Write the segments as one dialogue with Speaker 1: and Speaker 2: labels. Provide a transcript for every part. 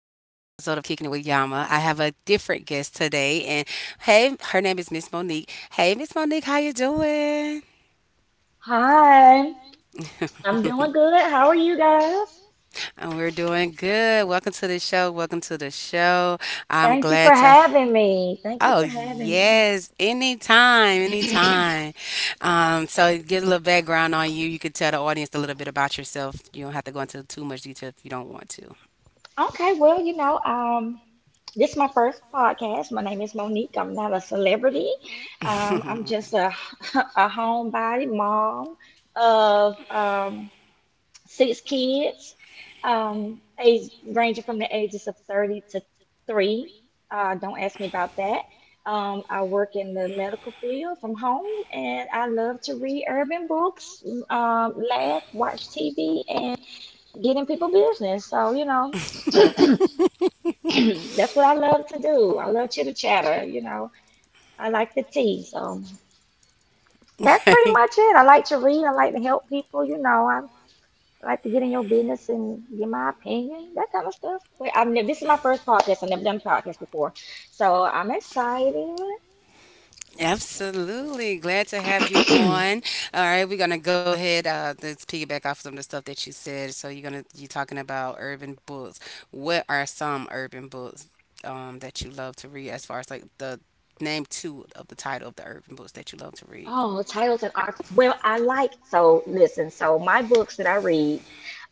Speaker 1: of Kicking It with Yama. I have a different guest today, and hey, her name is Miss Monique. Hey, Miss Monique, how you doing?
Speaker 2: Hi, I'm doing good. How are you guys?
Speaker 1: And we're doing good. Welcome to the show. Welcome to the show. I'm
Speaker 2: Thank you for
Speaker 1: glad to.
Speaker 2: having me. Thank you
Speaker 1: Oh
Speaker 2: for having me.
Speaker 1: yes, anytime, anytime. So get a little background on you. You could tell the audience a little bit about yourself. You don't have to go into too much detail if you don't want to.
Speaker 2: Okay, well, you know, this is my first podcast. My name is Monique. I'm not a celebrity. I'm just a a homebody mom of six kids, age ranging from the ages of 30 to 3. Don't ask me about that. I work in the medical field from home and I love to read urban books, laugh, watch TV, and get in people business. So, you know, that's what I love to do. I love chitter chatter, you know. I like the tea. So that's pretty
Speaker 1: Okay.
Speaker 2: much it. I like to read. I like to help people, you know. I'm. Like to get in your business and give my opinion, that kind of stuff. But I've never, this is my first podcast. I've never done a podcast before, so I'm excited.
Speaker 1: Absolutely. Glad to have you on. All right, we're gonna go ahead. Let's piggyback off some of the stuff that you said. So you're talking about urban books. What are some urban books that you love to read? As far as like the name two of the title of the urban books that you love to read.
Speaker 2: Oh, titles and authors. Well, I like so listen, so my books that I read,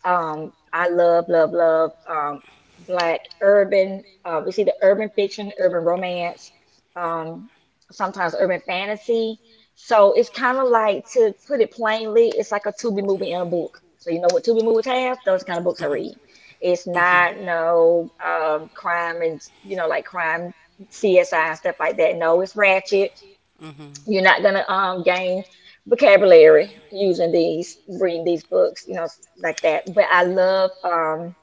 Speaker 2: I love, love, love black urban it's either urban fiction, urban romance, um, sometimes urban fantasy. So it's kind of like, to put it plainly, it's like a Tubi movie in a book. So you know what Tubi movies have? Those kind of books I read. It's not no crime and you know like crime CSI and stuff like that. No, it's ratchet.
Speaker 1: Mm-hmm.
Speaker 2: You're not gonna gain vocabulary using these reading these books, you know, like that. But I love um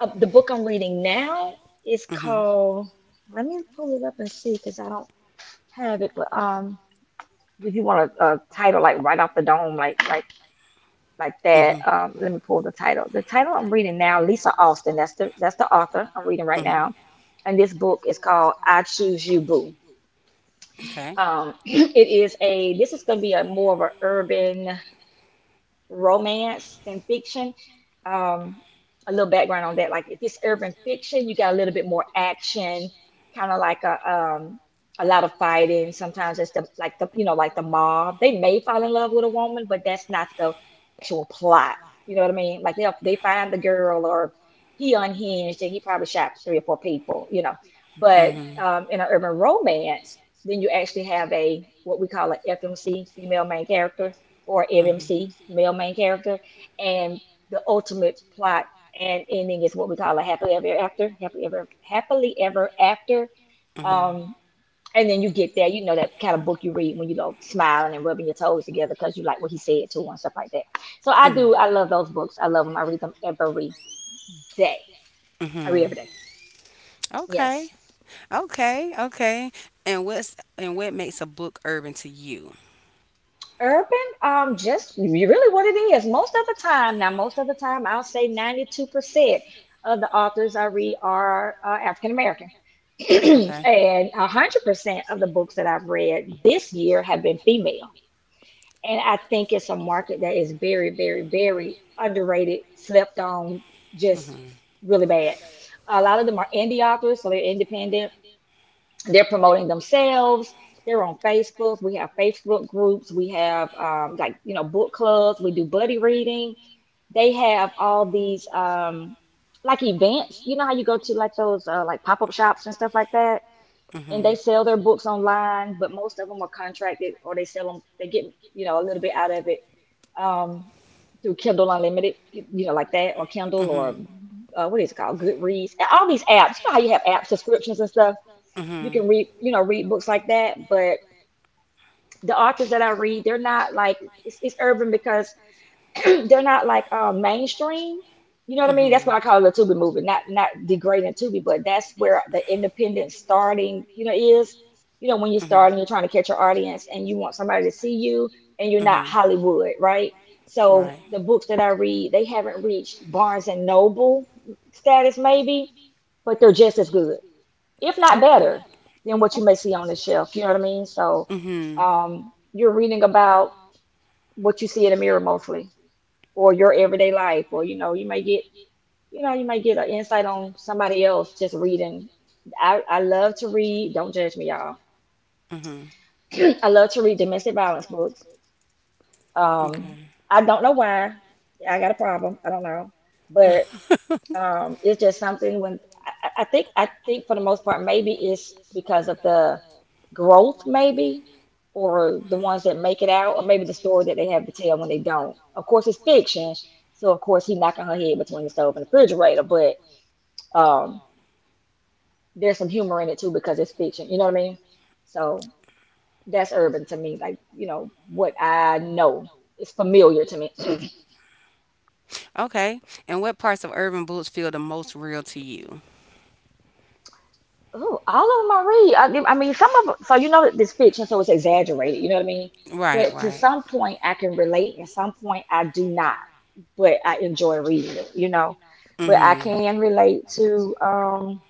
Speaker 2: uh, the book I'm reading now is
Speaker 1: Mm-hmm.
Speaker 2: called. Let me pull it up and see because I don't have it. But if you want a title like right off the dome, like that,
Speaker 1: Mm-hmm.
Speaker 2: let me pull the title. The title I'm reading now, Lisa Austin. That's the author I'm reading right
Speaker 1: hmm
Speaker 2: now, and this book is called I Choose You, Boo.
Speaker 1: now. Okay.
Speaker 2: It is a, this is going to be a more of an urban romance than fiction. Um, a little background on that. Like, if it's urban fiction, you got a little bit more action, kind of like a lot of fighting. Sometimes it's the like the you know like the mob. They may fall in love with a woman, but that's not the actual plot. You know what I mean? Like they find the girl, or he unhinged and he probably shot three or four people. You know, but
Speaker 1: Mm-hmm.
Speaker 2: in an urban romance, then you actually have a what we call an FMC, female main character, or MMC, male main character, and the ultimate plot and ending is what we call a happily ever after, happily ever after. Um, and then you get that, you know, that kind of book you read when you go smiling and rubbing your toes together because you like what he said to and stuff like that. So
Speaker 1: So
Speaker 2: I do, I love those books. I love them. I read them every day. I read every day. Yes.
Speaker 1: okay. Okay. Okay. And what makes a book urban to you?
Speaker 2: Urban, just really what it is. Most of the time, now, most of the time, I'll say 92% of the authors I read are African American.
Speaker 1: Okay.
Speaker 2: And 100% of the books that I've read this year have been female. And I think it's a market that is very, very, very underrated, slept on, just
Speaker 1: Mhm.
Speaker 2: really bad. A lot of them are indie authors, so they're independent, they're promoting themselves, they're on Facebook. We have Facebook groups, we have, like, you know, book clubs, we do buddy reading, they have all these like events. You know how you go to like those like pop-up shops and stuff like that, and they
Speaker 1: Mhm.
Speaker 2: sell their books online, but most of them are contracted, or they sell them, they get, you know, a little bit out of it, um, through Kindle Unlimited, you know, like that, or Kindle, or what is it called, Goodreads, all these apps. You know how you have app subscriptions and stuff, you
Speaker 1: Mhm.
Speaker 2: can read, you know, read books like that. But the authors that I read, they're not like, it's urban because they're not like mainstream. You know what I mean? That's what
Speaker 1: Mhm.
Speaker 2: I call the Tubi movement. Not, not degrading Tubi, but that's where the independent starting, you know, is. You know, when you're starting, you're trying to catch your audience and you want somebody to see you, and you're not
Speaker 1: Mhm.
Speaker 2: Hollywood, right? So
Speaker 1: Right.
Speaker 2: the books that I read, they haven't reached Barnes and Noble status, maybe, but they're just as good, if not
Speaker 1: Oh.
Speaker 2: better, than what you may see on the shelf. You know what I mean? So
Speaker 1: Mm-hmm.
Speaker 2: you're reading about what you see in the mirror mostly, or your everyday life, or, you know, you may get, you know, you may get an insight on somebody else just reading. I love to read, don't judge me, y'all.
Speaker 1: Mm-hmm.
Speaker 2: I love to read domestic violence books. Um,
Speaker 1: Okay.
Speaker 2: I don't know why. I got a problem. I don't know. But, um, it's just something when I think for the most part, maybe it's because of the growth, maybe, or the ones that make it out, or maybe the story that they have to tell when they don't. Of course, it's fiction, so of course he knocking her head between the stove and the refrigerator, but um, there's some humor in it too because it's fiction. You know what I mean? So that's urban to me, like, you know what I know. It's familiar to me.
Speaker 1: Okay. And what parts of urban boots feel the most real to you?
Speaker 2: Oh, all of them I read. I mean, so you know that this fiction, so it's exaggerated. You know what I mean?
Speaker 1: Right,
Speaker 2: But to
Speaker 1: right.
Speaker 2: some point, I can relate, and some point I do not. But I enjoy reading it. You know, but I
Speaker 1: Mhm.
Speaker 2: can relate to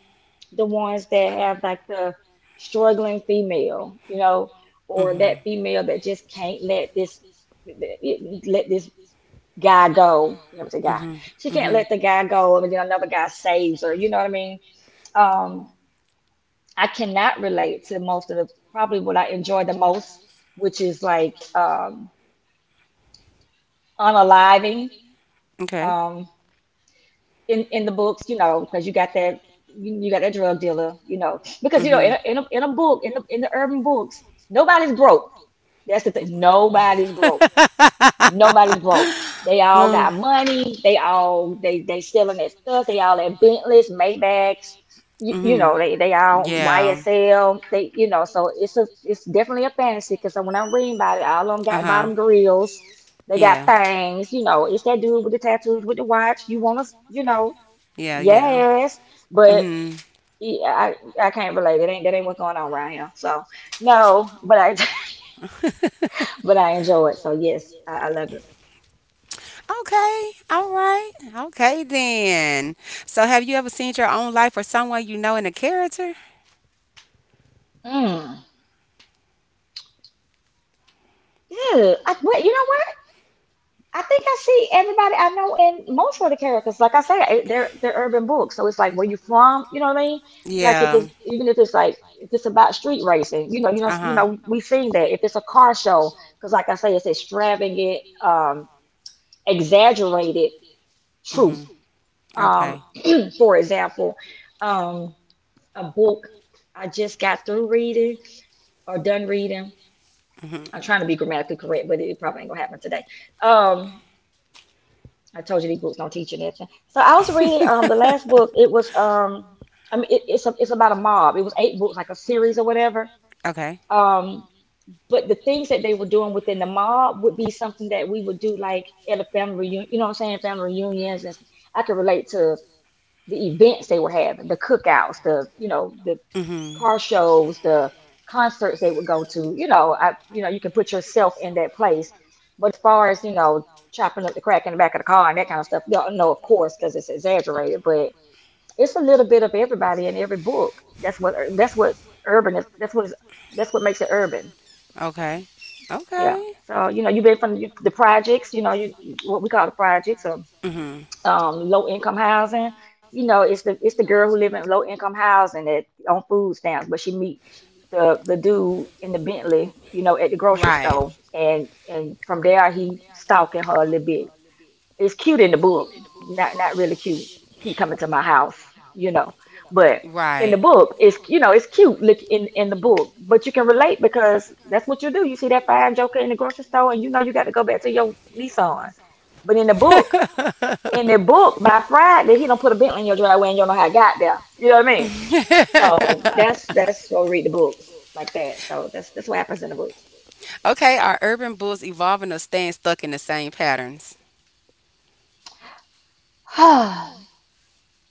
Speaker 2: the ones that have like the struggling female. You know, or that
Speaker 1: Mhm.
Speaker 2: female that just can't let this guy go. You know, a guy.
Speaker 1: Mhm.
Speaker 2: She can't
Speaker 1: Mhm.
Speaker 2: let the guy go, and then another guy saves her. You know what I mean? Um. I cannot relate to most of the probably what I enjoy the most, which is like unaliving
Speaker 1: Okay.
Speaker 2: um, in the books, you know, because you got that, you got that drug dealer, you know, because you know in
Speaker 1: Mhm.
Speaker 2: in a book in the urban books, nobody's broke. That's the thing. Nobody's broke. They all got money. They selling their stuff. They all at Bentleys, Maybachs. You
Speaker 1: Mhm.
Speaker 2: know they all
Speaker 1: Yeah.
Speaker 2: YSL. They, you know, so it's a, it's definitely a fantasy because when I'm reading about it, all of them
Speaker 1: Uh
Speaker 2: got
Speaker 1: huh.
Speaker 2: bottom grills. They got
Speaker 1: Yeah.
Speaker 2: things. You know, it's that dude with the tattoos with the watch. You want to, you know,
Speaker 1: Yeah. Yeah.
Speaker 2: yes, but
Speaker 1: Mm-hmm.
Speaker 2: yeah, I can't relate. It ain't, that ain't what's going on around here. So no, but I but I enjoy it. So yes, I love it.
Speaker 1: Okay. All right. Okay then. So, have you ever seen your own life or someone you know in a character?
Speaker 2: Mm. Yeah, I, well, you know what? I think I see everybody I know in most of the characters. Like I say, they're urban books, so it's like where you from. You know what I mean? Like if it's,
Speaker 1: Yeah.
Speaker 2: even if it's, like if it's about street racing, you know,
Speaker 1: Uh huh.
Speaker 2: we've seen that. If it's a car show, because like I say, it's extravagant, exaggerated truth.
Speaker 1: Mm-hmm.
Speaker 2: Um,
Speaker 1: Okay.
Speaker 2: for example, um, a book I just got through reading, or done reading. I'm
Speaker 1: Mhm.
Speaker 2: trying to be grammatically correct, but it probably ain't gonna happen today. Um, I told you these books don't teach you nothing. So I was reading the last book. It was it's a, it's about a mob. It was 8 books, like a series or whatever.
Speaker 1: Okay.
Speaker 2: Um, but the things that they were doing within the mob would be something that we would do like at a family reunion. You know what I'm saying? Family reunions. And I could relate to the events they were having, the cookouts, the, you know, the
Speaker 1: Mhm.
Speaker 2: car shows, the concerts they would go to. You know, I, you know, you can put yourself in that place. But as far as, you know, chopping up the crack in the back of the car and that kind of stuff, no, no, of course, because it's exaggerated. But it's a little bit of everybody in every book. That's what urban is. That's what makes it urban.
Speaker 1: Okay.
Speaker 2: Yeah.
Speaker 1: Okay.
Speaker 2: So you know, you've been from the projects. You know, you, what we call the projects, or
Speaker 1: Mhm.
Speaker 2: low income housing. It's the girl who live in low income housing that on food stamps, but she meet the dude in the Bentley, at the grocery
Speaker 1: Right.
Speaker 2: store, and from there he stalking her a little bit. It's cute in the book, not really cute. Keep coming to my house, you know, but in the
Speaker 1: Right.
Speaker 2: book, it's it's cute look in the book, but you can relate because that's what you do. You see that fine joker in the grocery store, and you got to go back to your Nissan. But in the book by Friday, he don't put a Bentley in your driveway and you don't know how I got there. You know what I mean? So that's go read the books like that. So that's what happens in the books.
Speaker 1: Okay. Are urban bulls evolving or staying stuck in the same patterns?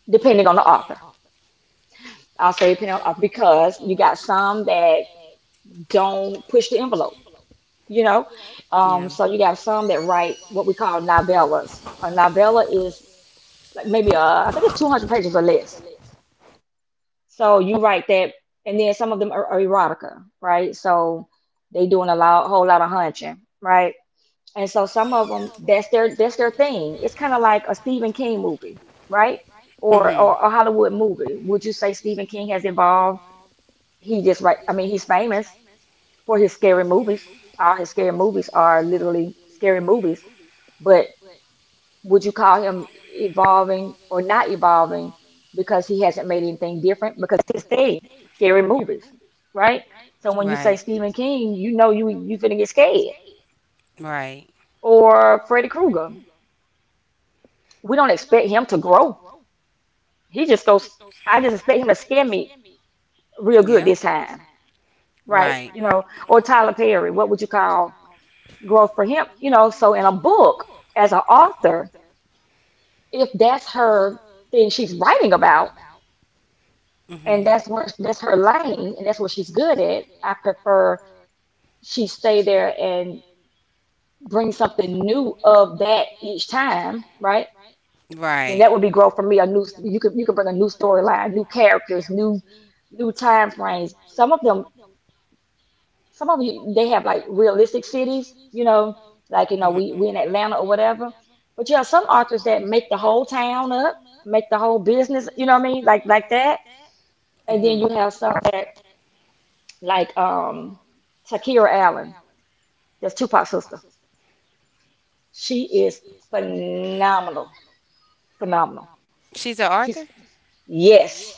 Speaker 2: Depending on the author. I'll say depending on the author because you got some that don't push the envelope, you know.
Speaker 1: Yeah.
Speaker 2: So you got some that write what we call novellas. A novella is like maybe I think it's 200 pages or less. So you write that, and then some of them are erotica, right? So they doing a lot, whole lot of hunching, right? And so some of them, that's their thing. It's kind of like a Stephen King movie, right? Or
Speaker 1: Mhm.
Speaker 2: or a Hollywood movie. Would you say Stephen King has evolved? He just right. I mean, he's famous for his scary movies. All his scary movies are literally scary movies. But would you call him evolving or not evolving because he hasn't made anything different? Because his thing, scary movies, right? So when you say
Speaker 1: Right.
Speaker 2: Stephen King, you know you finna get scared.
Speaker 1: Right.
Speaker 2: Or Freddy Krueger. We don't expect him to grow. He just goes. I just expect him to scare me real good
Speaker 1: Yeah.
Speaker 2: this time, right?
Speaker 1: Right.
Speaker 2: You know. Or Tyler Perry. What would you call growth for him? You know. So in a book, as an author, if that's her thing she's writing about, and
Speaker 1: Mhm.
Speaker 2: that's her lane and that's what she's good at, I prefer she stay there and bring something new of that each time, right? Then
Speaker 1: Right.
Speaker 2: that would be growth for me. A new, you could bring a new storyline, new characters, new time frames. Some of you, they have like realistic cities, you know, like you know, we in Atlanta or whatever. But yeah, some authors that make the whole town up, make the whole business, you know what I mean? Like that. And then
Speaker 1: Hmm.
Speaker 2: you have some that, like, Shakira Allen, that's Tupac's sister. She is phenomenal, phenomenal.
Speaker 1: She's an author?
Speaker 2: She's Yes,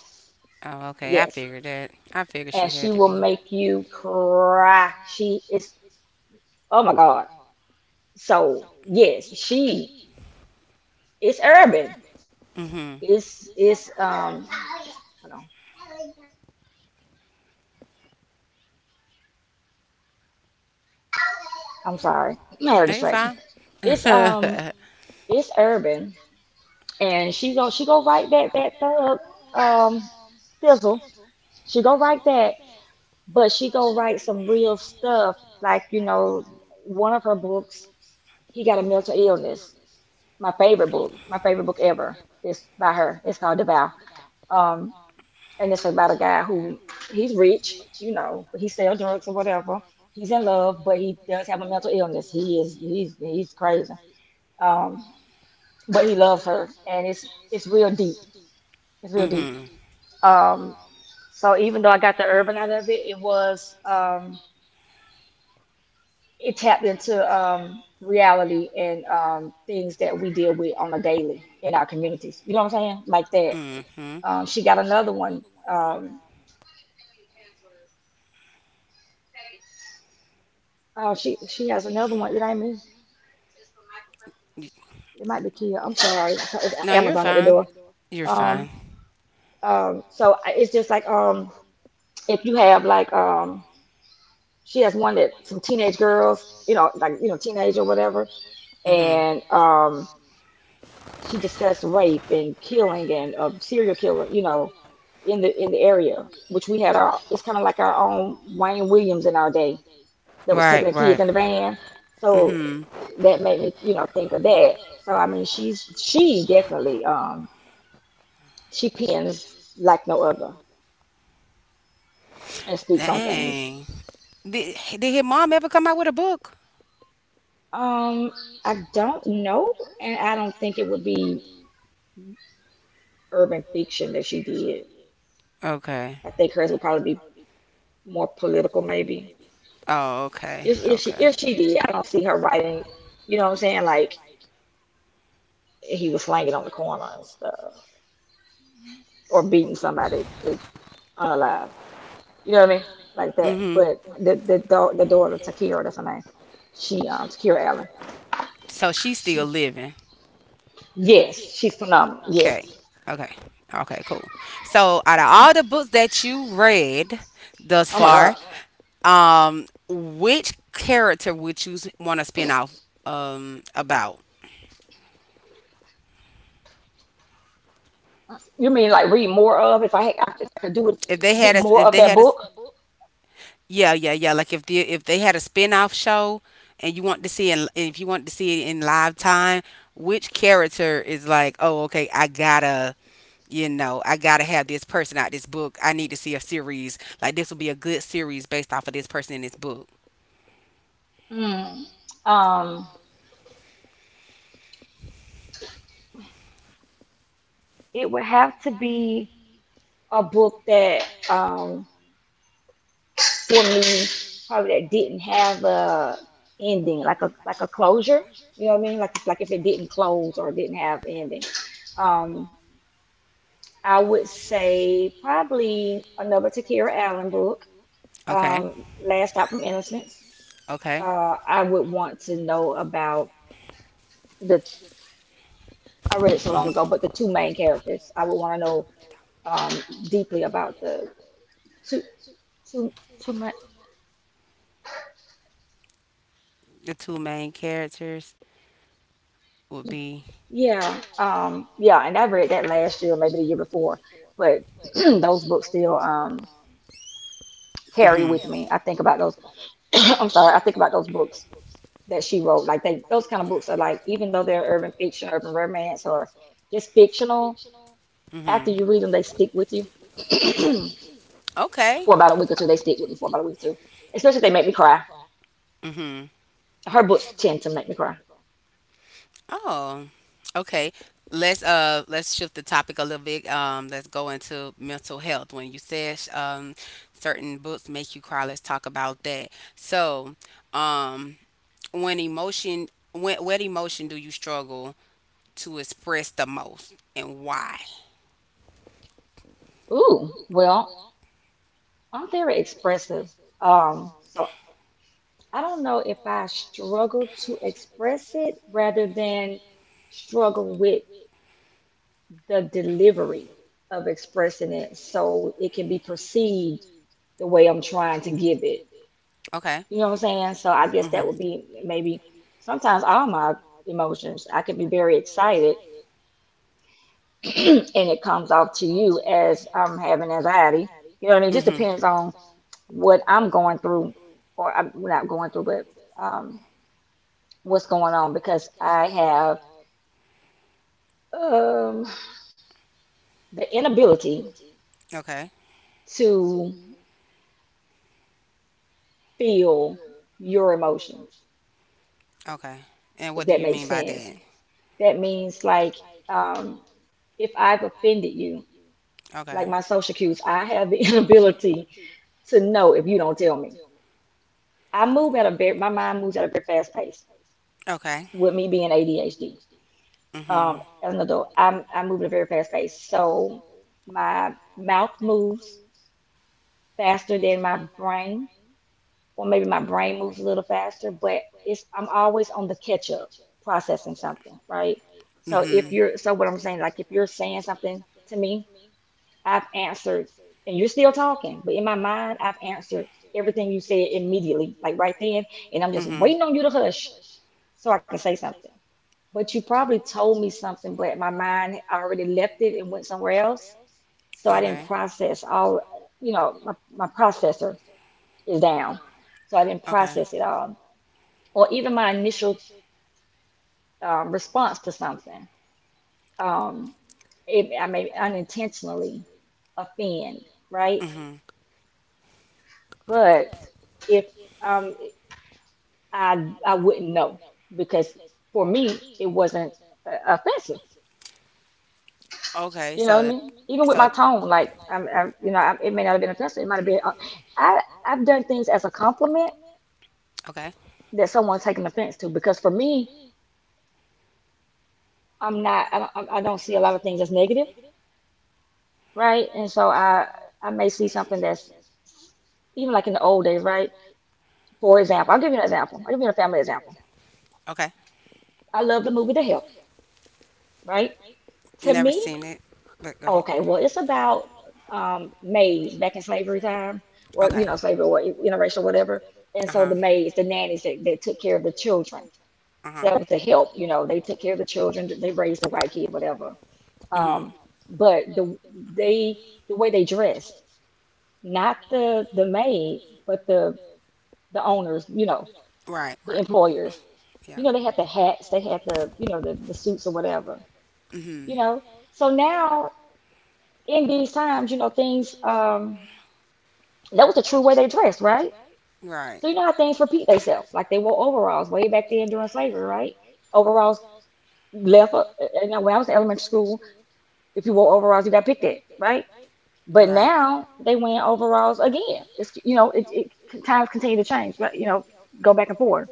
Speaker 1: Oh, okay. I
Speaker 2: yes,
Speaker 1: figured that. I figured she
Speaker 2: and
Speaker 1: had
Speaker 2: she
Speaker 1: to and
Speaker 2: will
Speaker 1: be.
Speaker 2: make you cry. She is Oh my God. So yes, she is urban.
Speaker 1: Hmm.
Speaker 2: It's Hold on. I'm sorry, I had a
Speaker 1: No, you're
Speaker 2: distraction.
Speaker 1: fine.
Speaker 2: It's um
Speaker 1: Attraction.
Speaker 2: it's urban, and she go write that thug, um Thizzle. She go write that, but she gonna write some real stuff. Like, one of her books, he got a mental illness. My favorite book ever, is by her. It's called The Vow. Um, and it's about a guy who he's rich, but he sells drugs or whatever. He's in love, but he does have a mental illness. He's crazy. Um, but he loves her, and it's real deep. It's
Speaker 1: We
Speaker 2: real deep.
Speaker 1: mm-hmm.
Speaker 2: Um, so even though I got the urban out of it, it was it tapped into reality and things that we deal with on a daily in our communities. You know what I'm saying? Like that.
Speaker 1: Said,
Speaker 2: She got another one. Um, oh, she has another one. It ain't me.
Speaker 1: mm.
Speaker 2: It might be Kia. I'm sorry. It's
Speaker 1: No, you're
Speaker 2: Amazon at the
Speaker 1: somebody
Speaker 2: door.
Speaker 1: fine. You're fine.
Speaker 2: Um, so it's just like, if you have like, she has one that some teenage girls, like teenage or whatever.
Speaker 1: Mm-hmm.
Speaker 2: And she discussed rape and killing and serial killer, in the area, which we had our. It's kind of like our own Wayne Williams in our day that was
Speaker 1: Right,
Speaker 2: taking
Speaker 1: she
Speaker 2: the kids
Speaker 1: right.
Speaker 2: in the van.
Speaker 1: In the
Speaker 2: So
Speaker 1: van. Hmm.
Speaker 2: that made me, think of that. So I mean, she definitely, she pins like no other and speaks on things.
Speaker 1: Dang. Did her mom ever come out with a book?
Speaker 2: Um, I don't know, and I don't think it would be urban fiction that she did.
Speaker 1: Okay.
Speaker 2: I think hers would probably be more political, maybe.
Speaker 1: Oh, okay.
Speaker 2: If,
Speaker 1: If,
Speaker 2: if she
Speaker 1: Okay.
Speaker 2: if she did, I don't see her writing. You know what I'm saying? Like he was slanging on the corner and stuff, or beating somebody with alive. You know what I mean? Like that.
Speaker 1: Writing.
Speaker 2: But the daughter Takira, that's her name. She Takira Allen.
Speaker 1: Hmm. So she's still
Speaker 2: She,
Speaker 1: living.
Speaker 2: yes, she's phenomenal. Yes.
Speaker 1: Okay. Okay. Okay, cool. So out of all the books that you read thus
Speaker 2: Oh my God.
Speaker 1: far, which character would you want to spin off about?
Speaker 2: You mean like read more of? If I could do it,
Speaker 1: If they
Speaker 2: get
Speaker 1: had a s-
Speaker 2: more
Speaker 1: if The
Speaker 2: of
Speaker 1: they
Speaker 2: that
Speaker 1: had a
Speaker 2: book.
Speaker 1: Yeah, yeah, yeah, like if they had a spin-off show and you want to see it if you want to see it in live time, which character is like, "Oh, okay, I got to you know, I gotta have this person out this book. I need to see a series. Like this will be a good series based off of this person in this book."
Speaker 2: Hmm. Um, it would have to be a book that, um for me, probably that didn't have a ending, like a closure, you know what I mean? Like if it didn't close or didn't have ending. um I would say probably another Takira Allen book,
Speaker 1: Okay.
Speaker 2: Last Stop from Innocence.
Speaker 1: Okay.
Speaker 2: I would want to know about the I read it so long ago, but the two main characters I would want to know, um deeply about the two two two.
Speaker 1: The two main characters would be
Speaker 2: Yeah, yeah, and I read that last year, maybe the year before, but those books still, carry
Speaker 1: mhm.
Speaker 2: with me. I think about those. I'm sorry, I think about those books that she wrote. Like, those kind of books are like, even though they're urban fiction, urban romance, or just fictional,
Speaker 1: Mhm.
Speaker 2: after you read them, they stick with you
Speaker 1: Okay.
Speaker 2: for about a week or two. They stick with me for about a week or two, especially if they make me cry.
Speaker 1: Mhm.
Speaker 2: Her books tend to make me cry.
Speaker 1: Oh. Okay. Let's shift the topic a little bit. Um, let's go into mental health. When you said certain books make you cry, let's talk about that. So, um when emotion when what emotion do you struggle to express the most and why?
Speaker 2: Ooh, well, I'm very expressive. So I don't know if I struggle to express it rather than struggle with the delivery of expressing it so it can be perceived the way I'm trying to give it.
Speaker 1: Okay.
Speaker 2: You know what I'm saying? So I
Speaker 1: You
Speaker 2: guess that would be maybe sometimes all my emotions. I can be very excited and it comes off to you as I'm having anxiety. You know what I mean? It just
Speaker 1: mhm.
Speaker 2: depends on what I'm going through or I'm not going through, but um, what's going on because I have Um, the inability
Speaker 1: Okay.
Speaker 2: to feel your emotions,
Speaker 1: Okay. And what
Speaker 2: if
Speaker 1: do
Speaker 2: that
Speaker 1: you
Speaker 2: makes sense. That means like, um, if I've offended you, like
Speaker 1: okay.
Speaker 2: my social cues, I have the inability to know if you don't tell me. I move at a very, My mind moves at a very fast pace
Speaker 1: Okay.
Speaker 2: with me being ADHD.
Speaker 1: Mhm.
Speaker 2: As an adult, I move at a very fast pace. So my mouth moves faster than my brain, or maybe my brain moves a little faster, but it's I'm always on the catch up processing something, right?
Speaker 1: So
Speaker 2: So if
Speaker 1: mhm.
Speaker 2: you're so what I'm saying, like if you're saying something to me, I've answered and you're still talking, but in my mind I've answered everything you said immediately, like right then, and I'm just
Speaker 1: Mhm.
Speaker 2: waiting on you to hush so I can say something. But you probably told me something, but my mind already left it and went somewhere else. So
Speaker 1: So
Speaker 2: I didn't
Speaker 1: okay.
Speaker 2: process all, my processor is down. So I didn't
Speaker 1: I
Speaker 2: process it all, or even my initial, response to something. Um, I may unintentionally offend, right? But if um, I wouldn't know because for me it wasn't offensive.
Speaker 1: okay.
Speaker 2: You know what I
Speaker 1: So
Speaker 2: mean? Even with my tone, like I'm, it may not have been offensive. It might have been. I've done things as a compliment
Speaker 1: okay.
Speaker 2: that someone's taking offense to because for me, I'm not. I don't see a lot of things as negative, right? And so I may see something that's even like in the old days, right? For example, I'll give you an example. I'll give you a family example.
Speaker 1: Okay.
Speaker 2: I love the movie The Help, right? To
Speaker 1: Never
Speaker 2: me,
Speaker 1: it. But go ahead.
Speaker 2: okay, well, it's about, maids back in slavery time, or
Speaker 1: Okay.
Speaker 2: slavery or interracial, whatever. And
Speaker 1: Uh
Speaker 2: so
Speaker 1: huh.
Speaker 2: the maids, the nannies that took care of the children.
Speaker 1: Uh huh.
Speaker 2: So that was the help, they took care of the children, they raised the white kid, whatever.
Speaker 1: Mhm.
Speaker 2: Um, but the way they dressed, not the maid, but the owners,
Speaker 1: Right.
Speaker 2: the
Speaker 1: Right.
Speaker 2: employers.
Speaker 1: Yeah.
Speaker 2: You know, they had the hats, they had the suits or whatever,
Speaker 1: Mhm.
Speaker 2: you know. So now in these times, you know, things, that was the true way they dressed, right?
Speaker 1: Right.
Speaker 2: So you know how things repeat themselves. Like they wore overalls way back then during slavery, right? Overalls left, you know, when I was in elementary school, if you wore overalls, you got picked at, right? But
Speaker 1: Right.
Speaker 2: now they wearing overalls again. It's, you know, it kind of continue to change, but, you know, go back and forth.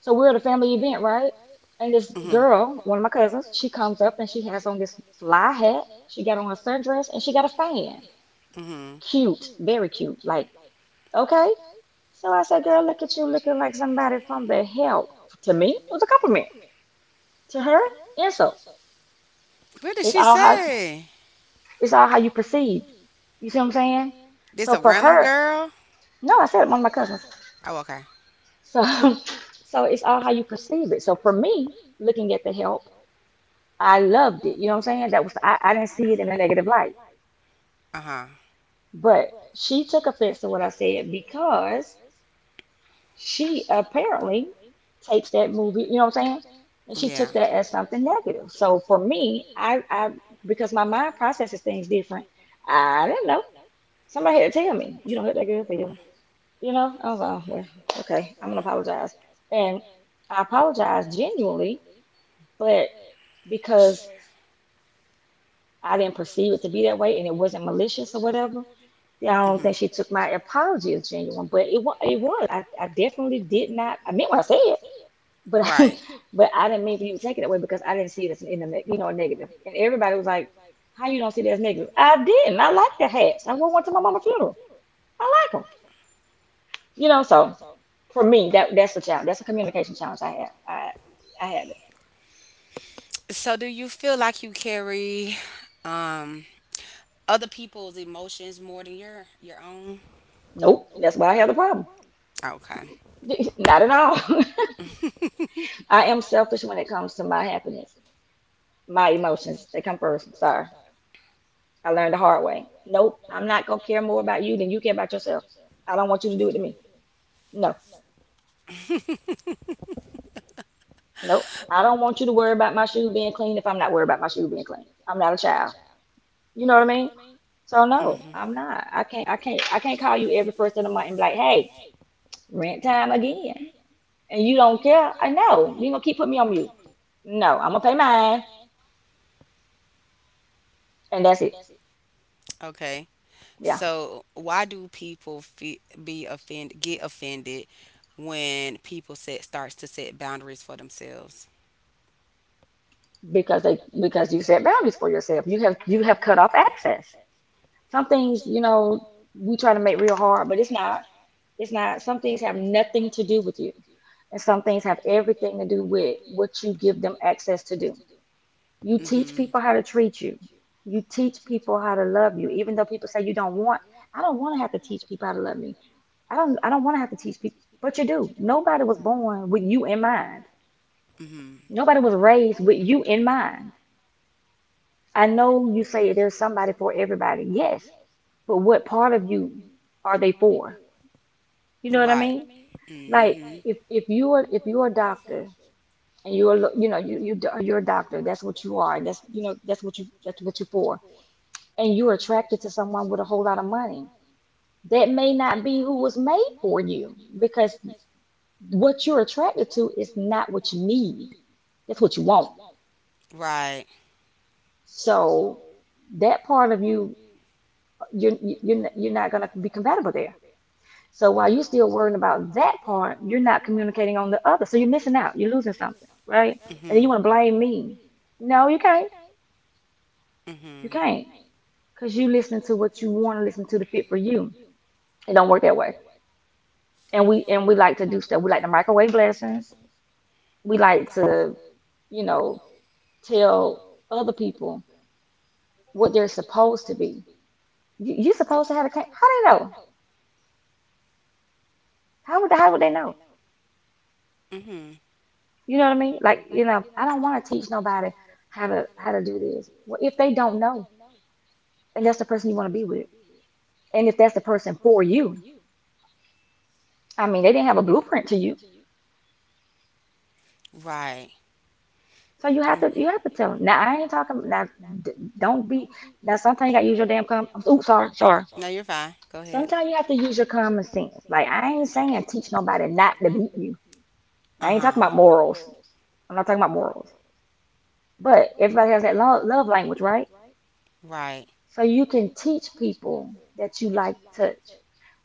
Speaker 2: So we're at a family event, right? And this
Speaker 1: Mhm.
Speaker 2: girl, one of my cousins, she comes up and she has on this fly hat. She got on a sundress and she got a fan.
Speaker 1: Mhm.
Speaker 2: Cute, very cute. Like, okay. So I said, girl, look at you looking like somebody from the help. To me, it was a compliment. To her, insult.
Speaker 1: What did
Speaker 2: It's
Speaker 1: she this
Speaker 2: all how
Speaker 1: outfit. Say?
Speaker 2: it's all how you perceived. You see what I'm saying?
Speaker 1: This
Speaker 2: So
Speaker 1: a
Speaker 2: for
Speaker 1: random
Speaker 2: her,
Speaker 1: girl?
Speaker 2: no, I said it, one of my cousins.
Speaker 1: Oh, okay.
Speaker 2: So so it's all how you perceive it. So for me, looking at the help. I loved it. You know what I'm saying? That was I didn't see it in a negative light.
Speaker 1: Uh huh.
Speaker 2: But she took offense to what I said because she apparently takes that movie, you know what I'm saying? And she
Speaker 1: Yeah.
Speaker 2: took that as something negative. So for me, I because my mind processes things different, I didn't know. Somebody had to tell me, you don't hit that good feeling. You know? I was like, "Oh, well, okay, I'm gonna apologize. And I apologized genuinely, but
Speaker 1: Sh-
Speaker 2: because I didn't perceive it to be that way and it wasn't malicious or whatever I don't
Speaker 1: mhm.
Speaker 2: think she took my apology as genuine, but it was. It was. I definitely did not. I meant what I said, but
Speaker 1: Right.
Speaker 2: but I didn't mean for you to take it that way because I didn't see it as an, in a you know a negative. And everybody was like, "How you don't see that as negative?" I didn't. I like the hats. I wore one to my mama's funeral. I like them. You know. So for me, that's a challenge. That's a communication challenge I have. I had it.
Speaker 1: So, do you feel like you carry um other people's emotions more than your own?
Speaker 2: Nope. That's why I have the problem.
Speaker 1: Okay.
Speaker 2: not at all.
Speaker 1: I
Speaker 2: I am selfish when it comes to my happiness, my emotions. They come first. Sorry. I learned the hard way. Nope, I'm not gonna care more about you than you care about yourself. I don't want you to do it to me. No, nope. I don't want you to worry about my shoe being clean if I'm not worried about my shoe being clean. I'm not a child. You know what I mean? So no, I'm not. I can't call you every first of the month and be like, hey, rent time again. And you don't care. I know. You're gonna keep putting me on mute. No, I'm gonna pay mine and that's it.
Speaker 1: okay.
Speaker 2: Yeah.
Speaker 1: So why do people fe- be offend get offended when people set starts to set boundaries for themselves?
Speaker 2: Because you set boundaries for yourself. You have cut off access. Some things, you know, we try to make real hard, but it's not. It's not. Some things have nothing to do with you, and some things have everything to do with what you give them access to do. You
Speaker 1: You
Speaker 2: teach
Speaker 1: mhm.
Speaker 2: people how to treat you. You teach people how to love you, even though people say you don't want. I don't want to have to teach people how to love me. I don't. I don't want to have to teach people, but you do. Nobody was born with you in mind.
Speaker 1: People. Mhm.
Speaker 2: Nobody was raised with you in mind. I know you say there's somebody for everybody. Yes, but what part of you are they for? You
Speaker 1: You
Speaker 2: know
Speaker 1: know
Speaker 2: what I
Speaker 1: right.
Speaker 2: mean? Like
Speaker 1: Mhm.
Speaker 2: if you are if you're a doctor and you're a you know you're a doctor, that's what you are. That's you know that's what you're for. And you're attracted to someone with a whole lot of money. That may not be who was made for you because what you're attracted to is not what you need. That's what you want.
Speaker 1: Right.
Speaker 2: So that part of you, you're not gonna be compatible there. So while you're still worrying about that part, you're not communicating on the other. So you're missing out. You're losing something, right? And then you
Speaker 1: Mhm.
Speaker 2: want to blame me. No, you can't. You
Speaker 1: Mhm.
Speaker 2: can't. Because you listening to what you want to listen to fit for you. It don't work that way. And we like to do stuff. We like to microwave blessings. We like to, you know, tell other people what they're supposed to be. You're supposed to have a cake. How do they know? How would they know?
Speaker 1: Mhm.
Speaker 2: You know what I mean? Like, you know, I don't want to teach nobody how to do this. Well, if they don't know, and that's the person you want to be with, and if that's the person for you, I mean, they didn't have a blueprint to you,
Speaker 1: Right.
Speaker 2: so you have
Speaker 1: R-
Speaker 2: to you have to tell them. Now, I ain't talking. Now, d- don't be. Now, sometimes you got to use your damn common. Oops, sorry, sorry.
Speaker 1: no, you're fine. Go ahead.
Speaker 2: Sometimes you have to use your common sense. Like, I ain't saying teach nobody not to beat you.
Speaker 1: Uh
Speaker 2: I ain't talking about
Speaker 1: huh.
Speaker 2: morals.
Speaker 1: We
Speaker 2: I'm not talking about morals. But everybody has that love language, right?
Speaker 1: right.
Speaker 2: So you can teach people that you like touch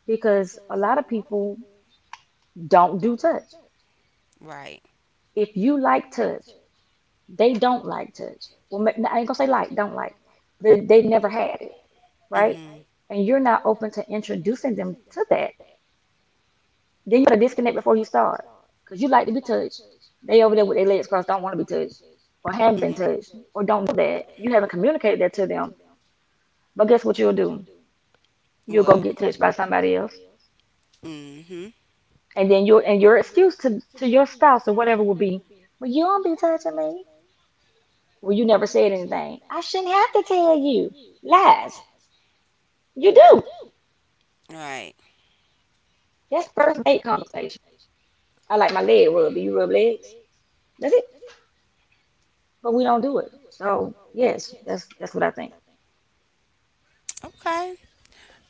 Speaker 2: because a lot of people don't do touch.
Speaker 1: Right.
Speaker 2: If you like touch, they don't like touch. Well, I ain't gonna say like, don't like. They never had it, right?
Speaker 1: Mm-hmm.
Speaker 2: And you're not open to introducing them to that. Then you gotta disconnect before you start because you like to be touched. They over there with their legs crossed, don't want to be touched or haven't
Speaker 1: I
Speaker 2: been touched
Speaker 1: mm-hmm.
Speaker 2: or don't know that. You haven't communicated that to them. But guess what you'll do? You'll go
Speaker 1: What?
Speaker 2: get touched by somebody else
Speaker 1: Mm-hmm.
Speaker 2: and then your excuse to your spouse or whatever would be, well, you don't be touching me. Well, you never said anything. I shouldn't have to tell you lies. You do.
Speaker 1: Right.
Speaker 2: That's first date conversation. I like my leg rubbed. Do you rub legs? That's it. But we don't do it. So yes, that's what I think.
Speaker 1: Okay.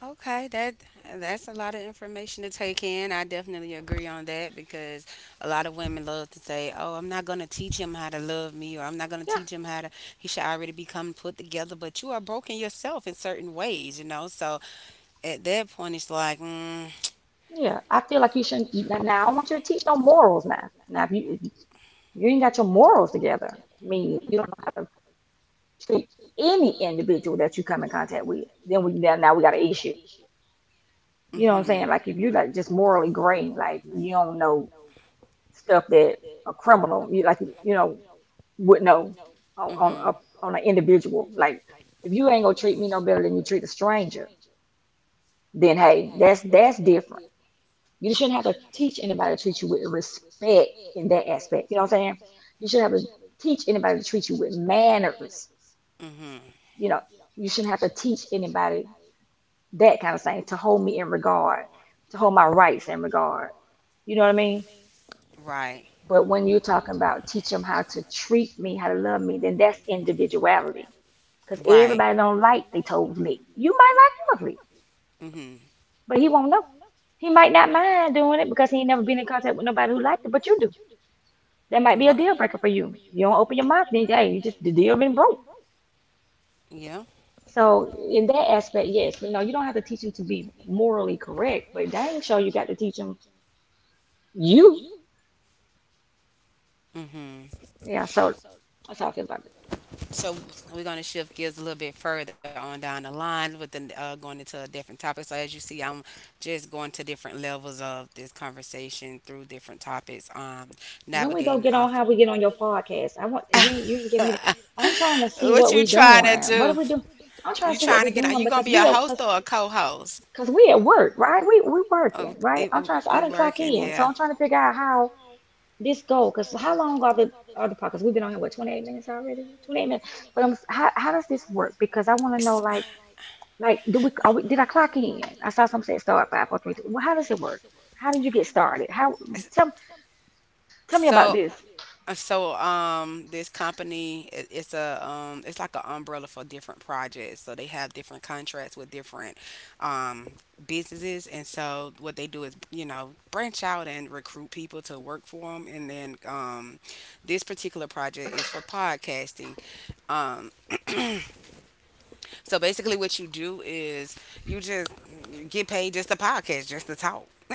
Speaker 1: Okay. That's a lot of information to take in. I definitely agree on that because a lot of women love to say, "Oh, I'm not gonna teach him how to love me," or "I'm not gonna
Speaker 2: Yeah,
Speaker 1: teach him how to." He should already become put together. But you are broken yourself in certain ways, you know. So at that point, it's like, mm,
Speaker 2: yeah. I feel like you shouldn't. Now I don't want you to teach no morals now. Now if you ain't got your morals together, I mean you don't know how to treat any individual that you come in contact with, then we now we got an issue.
Speaker 1: you
Speaker 2: You know what I'm
Speaker 1: mm-hmm,
Speaker 2: saying? Like if you like just morally gray, like you don't know
Speaker 1: don't
Speaker 2: stuff that a criminal, you like you know, would know on
Speaker 1: know
Speaker 2: on,
Speaker 1: mm-hmm,
Speaker 2: a, on an individual. Like if you ain't gonna treat me no better than you treat a stranger, then hey, that's different. You shouldn't have to teach anybody to treat you with respect in that aspect. You know what I'm saying? You shouldn't have to teach anybody to treat you with manners.
Speaker 1: mhm.
Speaker 2: You know, you shouldn't have to teach anybody that kind of thing to hold me in regard, to hold my rights in regard. You know what I mean?
Speaker 1: Right.
Speaker 2: But when you're talking about teach them how to treat me, how to love me, then that's individuality. Because
Speaker 1: Right.
Speaker 2: everybody don't like they told me. You might like lovely,
Speaker 1: Mhm.
Speaker 2: but he won't know. He might not mind doing it because he ain't never been in contact with nobody who liked it, but you do. That might be a
Speaker 1: Right.
Speaker 2: deal breaker for you. You don't open your mouth, then hey, you just the deal been broke.
Speaker 1: Yeah.
Speaker 2: So in that aspect, yes, but no, you don't have to teach them to be morally correct, but dang sure you got to teach them you.
Speaker 1: Mhm.
Speaker 2: Yeah, so that's how I feel about that.
Speaker 1: So we're gonna shift gears a little bit further on down the line with the going into a different topic. So as you see, I'm just going to different levels of this conversation through different topics.
Speaker 2: When we go
Speaker 1: Navigating
Speaker 2: get on
Speaker 1: off.
Speaker 2: how we get on your podcast, I want you you ain't give me the, I'm trying to see
Speaker 1: What
Speaker 2: what
Speaker 1: you
Speaker 2: we
Speaker 1: trying to
Speaker 2: doing. What are
Speaker 1: do?
Speaker 2: we doing? I'm trying to
Speaker 1: You
Speaker 2: see what
Speaker 1: trying
Speaker 2: we
Speaker 1: to get? Are
Speaker 2: doing
Speaker 1: you gonna
Speaker 2: because
Speaker 1: be
Speaker 2: we
Speaker 1: a
Speaker 2: at
Speaker 1: host
Speaker 2: cause,
Speaker 1: or a co-host?
Speaker 2: cause we at work, right? We working,
Speaker 1: Oh,
Speaker 2: right?
Speaker 1: eh,
Speaker 2: I'm
Speaker 1: oh,
Speaker 2: trying to I
Speaker 1: we
Speaker 2: didn't clock
Speaker 1: working.
Speaker 2: in, so
Speaker 1: Yeah.
Speaker 2: I'm trying to figure out how this go. Cause how long are the podcasts? We've been on here what 28 minutes already? 28 minutes. But I'm how does this work? Because I want to know
Speaker 1: S-
Speaker 2: like do we, are we did I clock in? I saw some say start five, four, three, two. Well, how does it work? How did you get started? How tell tell me about
Speaker 1: so,
Speaker 2: this.
Speaker 1: this company it's a it's like an umbrella for different projects. So they have different contracts with different um businesses, and so what they do is you know branch out and recruit people to work for them. And then this particular project is for podcasting. Um, So basically, what you do is you just get paid just to podcast, just to talk.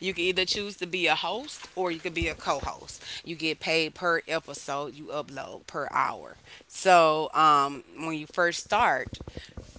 Speaker 1: You can either choose to be a host or you can be a co-host. You get paid per episode you upload per hour. So when you first start,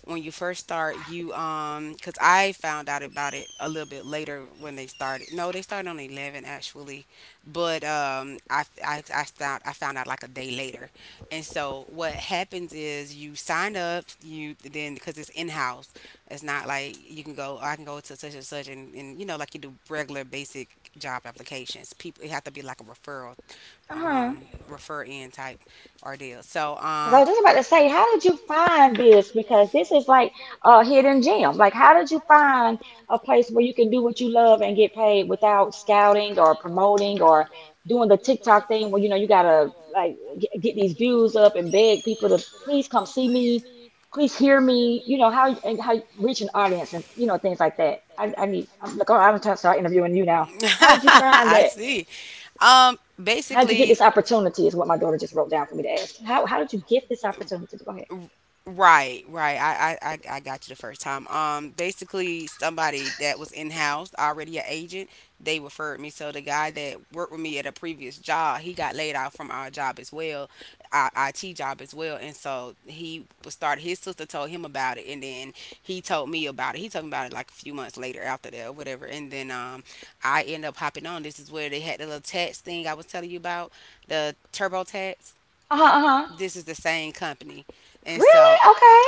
Speaker 1: when you first start, you cause I found out about it a little bit later when they started. No, they started on 11 actually, but I found out like a day later. And so what happens is you sign up, you then because it's in house. It's not like you can go. "Oh, I can go to such and such," and, you know like you do regular basic job applications. People it have to be like a referral, um, refer in type or deal. So
Speaker 2: Because I was just about to say, how did you find this? Because this is like a hidden gem. Like, how did you find a place where you can do what you love and get paid without scouting or promoting or doing the TikTok thing where, you gotta like get these views up and beg people to please come see me, please hear me, you know, how and how you reach an audience and, you know, things like that. I need, I'm like, oh, I'm trying to start interviewing you now. How did you find
Speaker 1: I
Speaker 2: that?
Speaker 1: see.
Speaker 2: How did you get
Speaker 1: Basically,
Speaker 2: this opportunity? Is what my daughter just wrote down for me to ask. How did you get this opportunity? Go ahead.
Speaker 1: right, right. I got you the first time. Basically, somebody that was in house already an agent, they referred me. So the guy that worked with me at a previous job, he got laid off from our job as well, our IT job as well, and so he was started. His sister told him about it, and then he told me about it. He told me about it like a few months later after that or whatever. And then I ended up hopping on. This is where they had the little tax thing I was telling you about, the TurboTax.
Speaker 2: Uh-huh, uh-huh.
Speaker 1: This is the same company. And
Speaker 2: Really?
Speaker 1: so
Speaker 2: Okay.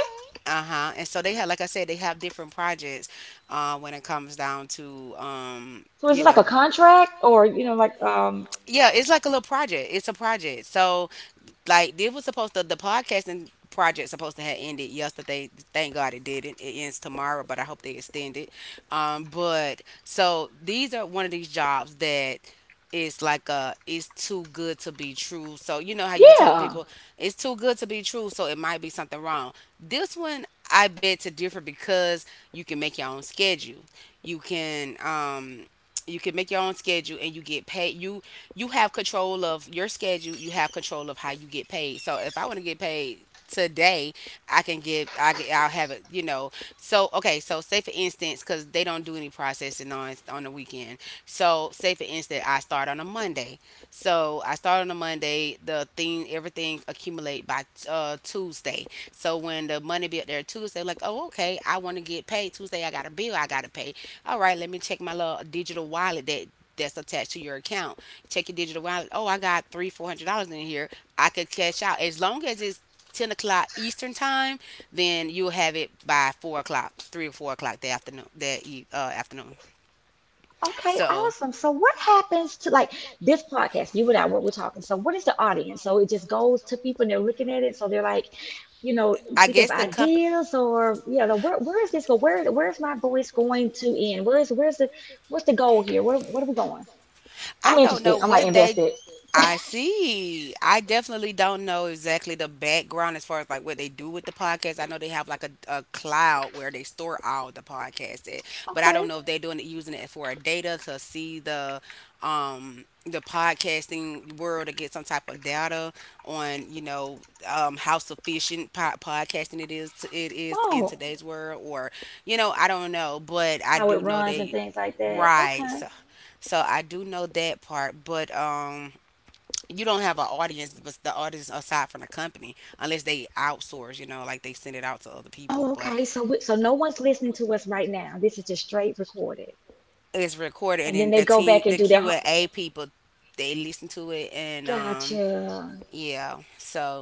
Speaker 1: uh-huh. And so they have, like I said, they have different projects when it comes down to,
Speaker 2: So is
Speaker 1: you
Speaker 2: it like a
Speaker 1: know,
Speaker 2: contract or you know?
Speaker 1: yeah, it's like a little project. It's a project. So like it was supposed to the podcasting project supposed to have ended yesterday. Thank God it didn't. It ends tomorrow, but I hope they extend it. But so these are one of these jobs that is like a it's too good to be true. So you know how you be telling
Speaker 2: Yeah.
Speaker 1: people yeah it's too good to be true, so it might be something wrong. This one I bet to differ because you can make your own schedule. You can um you can make your own schedule and you get paid. You have control of your schedule. You have control of how you get paid. So if I want to get paid today, I can get I get, I'll have it. You know. So okay. So say for instance, because they don't do any processing on the weekend. So say for instance, I start on a Monday. So I start on a Monday. The thing everything accumulate by Tuesday. So when the money be up there Tuesday, like, oh, okay, I want to get paid Tuesday. I got a bill I gotta pay. All right, let me check my little digital wallet that that's attached to your account. Check your digital wallet. Oh, I got three, $400 in here. I could cash out as long as it's 10 o'clock Eastern time. Then you'll have it by 4 o'clock, 3 or 4 o'clock the afternoon, that afternoon.
Speaker 2: Okay,
Speaker 1: So
Speaker 2: awesome. So what happens to like this podcast, you and I, what we're talking. So what is the audience? So it just goes to people and they're looking at it. So they're like, you know,
Speaker 1: I
Speaker 2: thinking of
Speaker 1: guess the company.
Speaker 2: ideas or you know, where is this go? Where's my voice going to end? Where's the what's the goal here? Where what are we going? I'm
Speaker 1: I don't
Speaker 2: interested.
Speaker 1: know
Speaker 2: I'm like
Speaker 1: what they.
Speaker 2: invested.
Speaker 1: I see. I definitely don't know exactly the background as far as like what they do with the podcast. I know they have like a cloud where they store all the podcasts at, but I
Speaker 2: Okay.
Speaker 1: don't know if they're doing it using it for a data to see the podcasting world to get some type of data on you know how sufficient podcasting it is to, it is in
Speaker 2: Oh,
Speaker 1: today's world or you know I don't know, but I
Speaker 2: how it
Speaker 1: do know
Speaker 2: runs and
Speaker 1: they
Speaker 2: things like that.
Speaker 1: right.
Speaker 2: Okay.
Speaker 1: So so I do know that part, but you don't have an audience, but the audience aside from the company, unless they outsource, you know, like they send it out to other people.
Speaker 2: Oh,
Speaker 1: But
Speaker 2: okay. So we, so no one's listening to us right now. This is just straight recorded.
Speaker 1: it's recorded, and
Speaker 2: And
Speaker 1: then
Speaker 2: then
Speaker 1: the
Speaker 2: they go
Speaker 1: team,
Speaker 2: back
Speaker 1: the
Speaker 2: and do
Speaker 1: Q
Speaker 2: their
Speaker 1: and
Speaker 2: ho-
Speaker 1: A people, they listen to it, and
Speaker 2: Gotcha.
Speaker 1: yeah.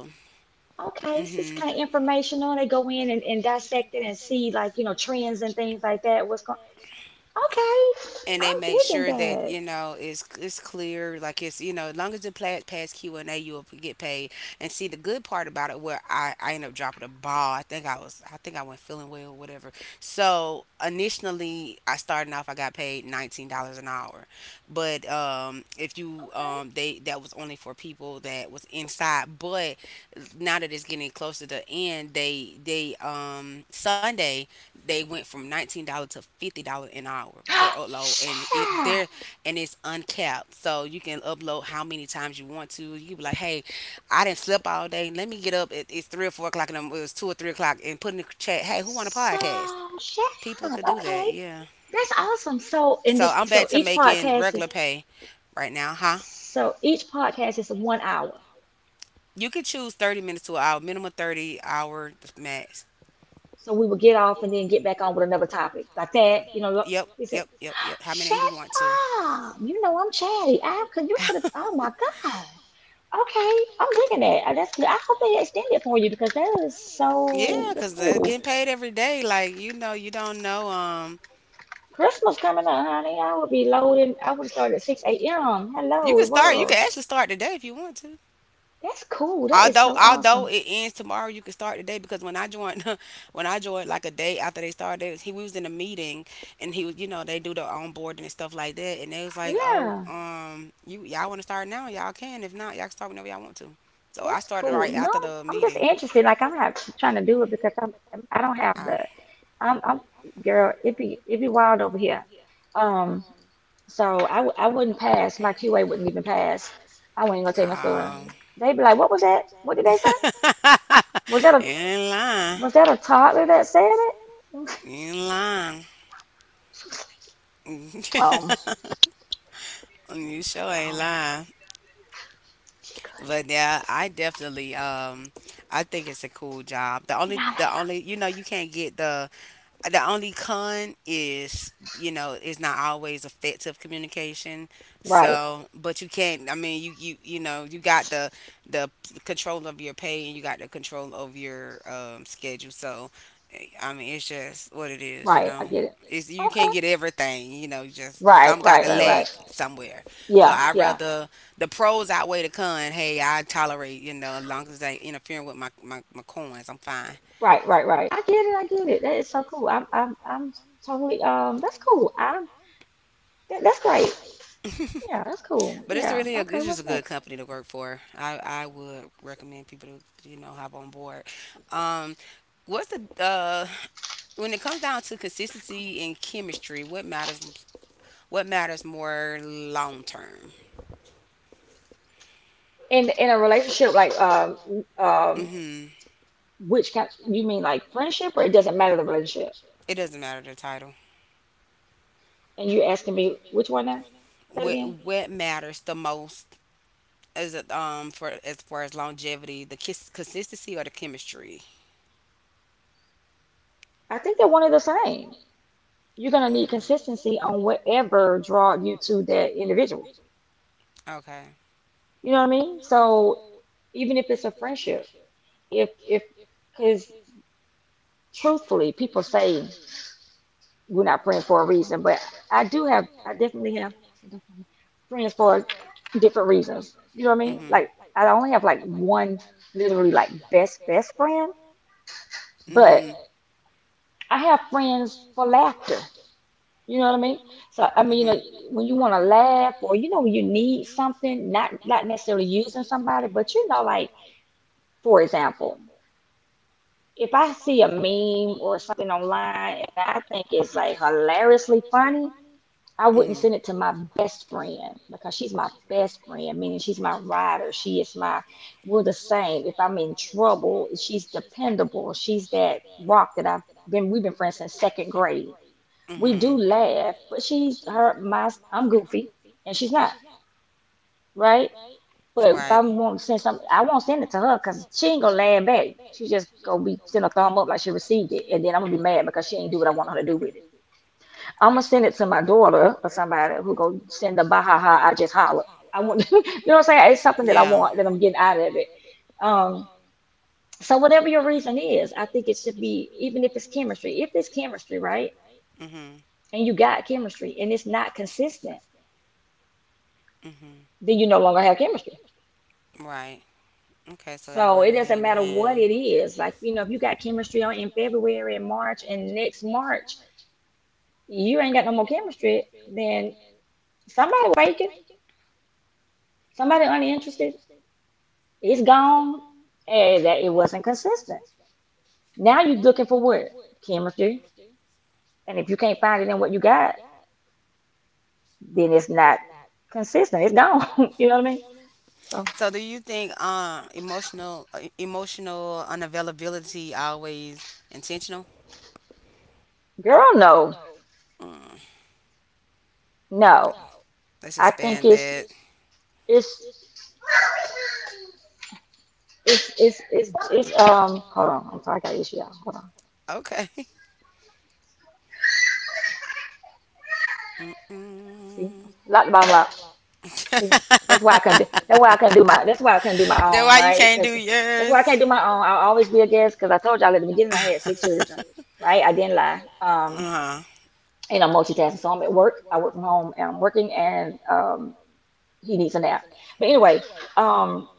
Speaker 2: Okay, so it's
Speaker 1: mhm,
Speaker 2: kind of informational. They go in and dissect it and see like, you know, trends and things like that. What's going okay.
Speaker 1: and they
Speaker 2: I'm
Speaker 1: make sure
Speaker 2: digging
Speaker 1: that
Speaker 2: that.
Speaker 1: it's clear, like it's, as long as it pass q&a, you'll get paid. And see, the good part about it where I ended up dropping a ball, I think I was, I think I went feeling well or whatever. So initially I started off, I got paid $19 an hour, but if you
Speaker 2: Okay.
Speaker 1: they, that was only for people that was inside. But now that it's getting closer to the end, they sunday they went from $19 to $50 an hour per upload,
Speaker 2: Shut
Speaker 1: and it
Speaker 2: up.
Speaker 1: there, and it's uncapped, so you can upload how many times you want to. You be like, hey, I didn't sleep all day. Let me get up. It, it's 3 or 4 o'clock, and I'm- it was 2 or 3 o'clock, and put in the chat, hey, who want a podcast?
Speaker 2: So shut
Speaker 1: People
Speaker 2: up.
Speaker 1: could do that,
Speaker 2: Okay.
Speaker 1: yeah.
Speaker 2: That's awesome. So in
Speaker 1: So
Speaker 2: this
Speaker 1: I'm
Speaker 2: so
Speaker 1: back to
Speaker 2: each
Speaker 1: making
Speaker 2: podcast
Speaker 1: regular
Speaker 2: is
Speaker 1: pay right now, huh?
Speaker 2: so each podcast is 1 hour.
Speaker 1: You could choose 30 minutes to an hour, minimum 30-hour max.
Speaker 2: So we would get off and then get back on with another topic like that. You know,
Speaker 1: Yep,
Speaker 2: he said,
Speaker 1: yep, yep, yep. How many
Speaker 2: "Shut
Speaker 1: you want to?
Speaker 2: up! You know I'm chatty. I could you could have. Oh my god." Okay, I'm digging that. That's good. I hope they extend it for you because that is so
Speaker 1: Yeah,
Speaker 2: that's
Speaker 1: cause they're
Speaker 2: cool.
Speaker 1: getting paid every day. Like, you don't know.
Speaker 2: Christmas coming up, honey. I would be loading. I would start at 6 a.m.
Speaker 1: You
Speaker 2: Hello,
Speaker 1: can start. You can
Speaker 2: world.
Speaker 1: actually start today if you want to.
Speaker 2: That's cool. That is
Speaker 1: Although,
Speaker 2: so
Speaker 1: although
Speaker 2: awesome.
Speaker 1: it ends tomorrow, you can start today because when I joined, when I joined like a day after they started, they was, he we was in a meeting, and he was, you know, they do the onboarding and stuff like that, and they was like, oh,
Speaker 2: Yeah.
Speaker 1: you y'all want to start now? Y'all can. If not, y'all can start whenever y'all want to. So I
Speaker 2: That's
Speaker 1: started
Speaker 2: cool.
Speaker 1: right
Speaker 2: No,
Speaker 1: after the
Speaker 2: I'm just
Speaker 1: meeting.
Speaker 2: interested. Like I'm not trying to do it because I'm I don't have
Speaker 1: I,
Speaker 2: the I'm girl. It be wild over here. Um, so I w- I wouldn't pass. My QA wouldn't even pass. I wouldn't go take no story.
Speaker 1: um,
Speaker 2: They'd be like, "What was that? What did they say? Was that
Speaker 1: you
Speaker 2: a
Speaker 1: ain't lying.
Speaker 2: was that a toddler that said it?"
Speaker 1: You ain't lying.
Speaker 2: Um,
Speaker 1: You sure ain't
Speaker 2: oh,
Speaker 1: lying.
Speaker 2: she cussing.
Speaker 1: But yeah, I definitely I think it's a cool job. The
Speaker 2: See
Speaker 1: only
Speaker 2: y'all
Speaker 1: the
Speaker 2: later.
Speaker 1: only you know, you can't get the only con is, you know, it's not always effective communication.
Speaker 2: Right,
Speaker 1: So, but you can't, I mean you know, you got the control of your pay, and you got the control of your schedule. So, I mean, it's just what it is, you
Speaker 2: right. I
Speaker 1: know.
Speaker 2: get it.
Speaker 1: It's, you
Speaker 2: Okay.
Speaker 1: can't get everything, you know. You just,
Speaker 2: Right,
Speaker 1: some got
Speaker 2: right,
Speaker 1: to
Speaker 2: right,
Speaker 1: lag
Speaker 2: right.
Speaker 1: somewhere. So
Speaker 2: Yeah,
Speaker 1: I
Speaker 2: yeah.
Speaker 1: rather, the pros outweigh the con. Hey, I tolerate, you know, as long as they interfering with my my coins, I'm fine.
Speaker 2: Right, right, right. I get it. I get it. That is so cool. I'm totally. That's cool. I'm. That's great. Yeah, that's cool.
Speaker 1: But it's
Speaker 2: Yeah.
Speaker 1: really a,
Speaker 2: Okay.
Speaker 1: it's just a
Speaker 2: What's
Speaker 1: good
Speaker 2: next?
Speaker 1: company to work for. I would recommend people to, you know, hop on board. Um, what's the when it comes down to consistency and chemistry, what matters, what matters more long term?
Speaker 2: In
Speaker 1: In
Speaker 2: a
Speaker 1: in a
Speaker 2: relationship, like
Speaker 1: relationship. Like,
Speaker 2: um, which kind? You mean like friendship, or it doesn't matter the relationship?
Speaker 1: It doesn't matter the title.
Speaker 2: And you asking me which one now? Say it
Speaker 1: What
Speaker 2: again.
Speaker 1: what matters the most, is it, for as far as longevity, the kiss, consistency or the chemistry?
Speaker 2: I think they're one and the same. You're gonna
Speaker 1: You're
Speaker 2: need
Speaker 1: gonna need to
Speaker 2: consistency on whatever draw you to that
Speaker 1: do
Speaker 2: individual.
Speaker 1: that. Okay.
Speaker 2: You know what I mean? So even if it's a friendship, if because truthfully, people say we're not friends for a reason, but I definitely have friends for different reasons. You know what I
Speaker 1: You're
Speaker 2: mean? Like,
Speaker 1: gonna
Speaker 2: I only have like one literally like best friend,
Speaker 1: Mhm.
Speaker 2: but
Speaker 1: Mhm.
Speaker 2: I have friends for laughter. You know what I mean? So, I
Speaker 1: But I
Speaker 2: mean, you
Speaker 1: Mhm.
Speaker 2: know,
Speaker 1: mean,
Speaker 2: when you want to laugh or, you know, when you need something, not necessarily using somebody, but you know, like, for example, if I see a meme or something online and I think it's like hilariously funny, I
Speaker 1: I
Speaker 2: wouldn't
Speaker 1: Mhm.
Speaker 2: send it to my best friend because she's my best friend, meaning she's my rider. She is my, we're the same. If I'm in trouble, she's dependable. She's that rock that I've been, we've been friends since second grade. We
Speaker 1: Mhm.
Speaker 2: do laugh, but she's her, my, I'm goofy and she's not, right? But if
Speaker 1: Right.
Speaker 2: I want to send something, I won't send it to her because she ain't gonna laugh back. She just gonna be send a thumb up like she received it, and then I'm gonna be mad because she ain't do what I want her to do with it. I'm gonna send it to my daughter or somebody who go send the bahaha. I just holler. I want, you know what I'm saying? It's something that I want that I'm getting out of it. Um, so whatever your reason is, I think it should be even if it's chemistry. If it's chemistry, right,
Speaker 1: Mhm.
Speaker 2: and you got chemistry and it's not consistent,
Speaker 1: Mhm.
Speaker 2: then you no longer have chemistry.
Speaker 1: Right. Okay, so they
Speaker 2: So
Speaker 1: run.
Speaker 2: it doesn't matter what it is. Like you know, if you got chemistry on in February and March, and next March you ain't got no more chemistry, then somebody faking, somebody uninterested, it's gone and that it wasn't consistent. Now you're looking for what? Chemistry. And if you can't find it in what you got, then it's not consistent. It's gone. You know what I mean? So
Speaker 1: So do you think emotional emotional unavailability always intentional?
Speaker 2: girl, no.
Speaker 1: Mm,
Speaker 2: No.
Speaker 1: let's
Speaker 2: I think
Speaker 1: expand
Speaker 2: it's
Speaker 1: that.
Speaker 2: it's it's hold on, I'm sorry I got an issue y'all. Hold on.
Speaker 1: Okay.
Speaker 2: See?
Speaker 1: Mm-mm.
Speaker 2: Lock the bottom lock. See? That's why I couldn't do that's why I couldn't do my
Speaker 1: Then
Speaker 2: own,
Speaker 1: why you
Speaker 2: right?
Speaker 1: can't do
Speaker 2: Because that's why I
Speaker 1: yours?
Speaker 2: can't do my own. I'll always be a guest because I told y'all at the beginning I had six children, right? I didn't lie. Um,
Speaker 1: Uh-huh.
Speaker 2: you know, multitasking. So I'm at work. I work from home and I'm working and he needs a nap. But anyway, um,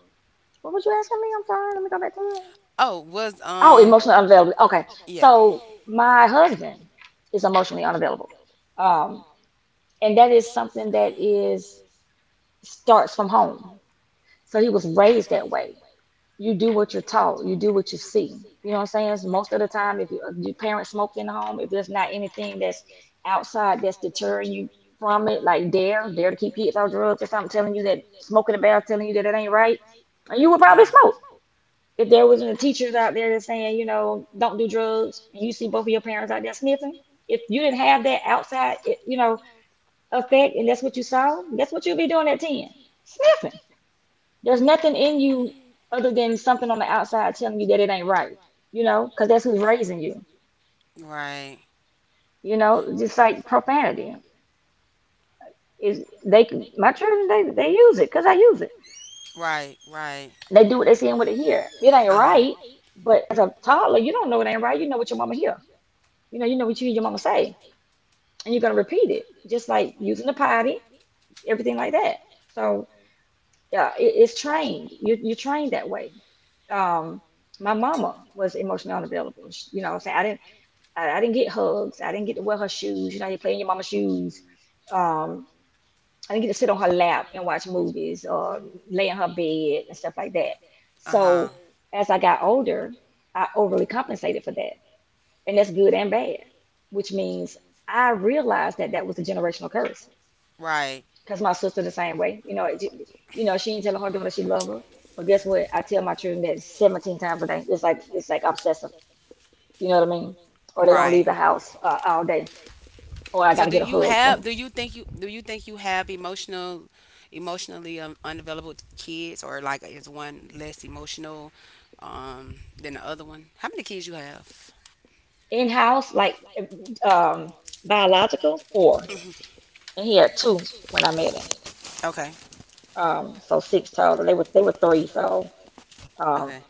Speaker 2: what was you asking me? I'm sorry, let me go back to that.
Speaker 1: Oh, was
Speaker 2: Oh, emotionally unavailable. Okay.
Speaker 1: yeah.
Speaker 2: So my husband is emotionally unavailable. Um, and that is something that is starts from home. So he was raised that way. You do what you're taught. You do what you see. You know what I'm saying? It's most of the time, if you, your parents smoke in the home, if there's not anything that's outside that's deterring you from it, like dare to keep kids on drugs or something, telling you that smoking in the bath, telling you that it ain't right, you would probably smoke.
Speaker 1: Uh-huh.
Speaker 2: If there wasn't teachers out there that's saying, you know, don't do drugs, and you see both of your parents out there sniffing, if you didn't have that outside, you know, effect, and that's what you saw, guess what you'll be doing at 10? Sniffing there's nothing in you other than something on the outside telling you that it ain't right, you know, because that's who's raising you,
Speaker 1: Right.
Speaker 2: you know, just like profanity. Is they can- my children they use it because I use it.
Speaker 1: Right, right.
Speaker 2: They do what they see and what they hear. It ain't
Speaker 1: Uh-huh.
Speaker 2: right, but as a toddler, you don't know it ain't right. You know what your mama hear. You know what you hear your mama say, and you're gonna repeat it, just like using the potty, everything like that. So yeah, it's trained. You're trained that way. Um, my mama was emotionally unavailable. She, you know, what I'm saying I didn't get hugs. I didn't get to wear her shoes. You know, you play in your mama's shoes. Um, I didn't get to sit on her lap and watch movies or lay in her bed and stuff like that.
Speaker 1: Uh-huh.
Speaker 2: So as I got older, I overly compensated for that. And that's good and bad, which means I realized that that was a generational curse
Speaker 1: Right.
Speaker 2: because my sister the same way. You know, it, you know, she ain't telling her daughter she love her. But guess what? I tell my children that 17 times a day. It's like obsessive. You know what I mean? Or they don't leave
Speaker 1: Right.
Speaker 2: the house all day or I
Speaker 1: So
Speaker 2: got to
Speaker 1: do
Speaker 2: get a
Speaker 1: you
Speaker 2: hug
Speaker 1: have,
Speaker 2: from
Speaker 1: do you think you, do you think you have emotional, emotionally unavailable kids, or like is one less emotional than the other one? How many kids you have?
Speaker 2: in house, like um, biological, four, and he had two when I met him.
Speaker 1: Okay.
Speaker 2: So six total. They were three. So um,
Speaker 1: Okay.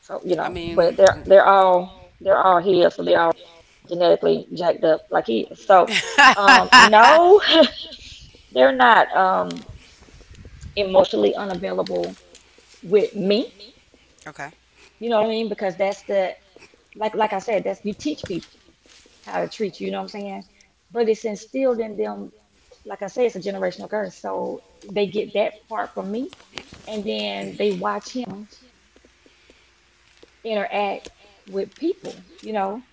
Speaker 2: so you
Speaker 1: I
Speaker 2: know,
Speaker 1: mean,
Speaker 2: but they're they're all they're all here so they're all genetically jacked up like he is. So no, they're not emotionally unavailable with me.
Speaker 1: okay.
Speaker 2: You know what I mean? Because that's the like I said, that's you teach people how to treat you, you know what I'm saying? But it's instilled in them, like I say, it's a generational curse. So they get that part from me, and then they watch him interact with people, you know,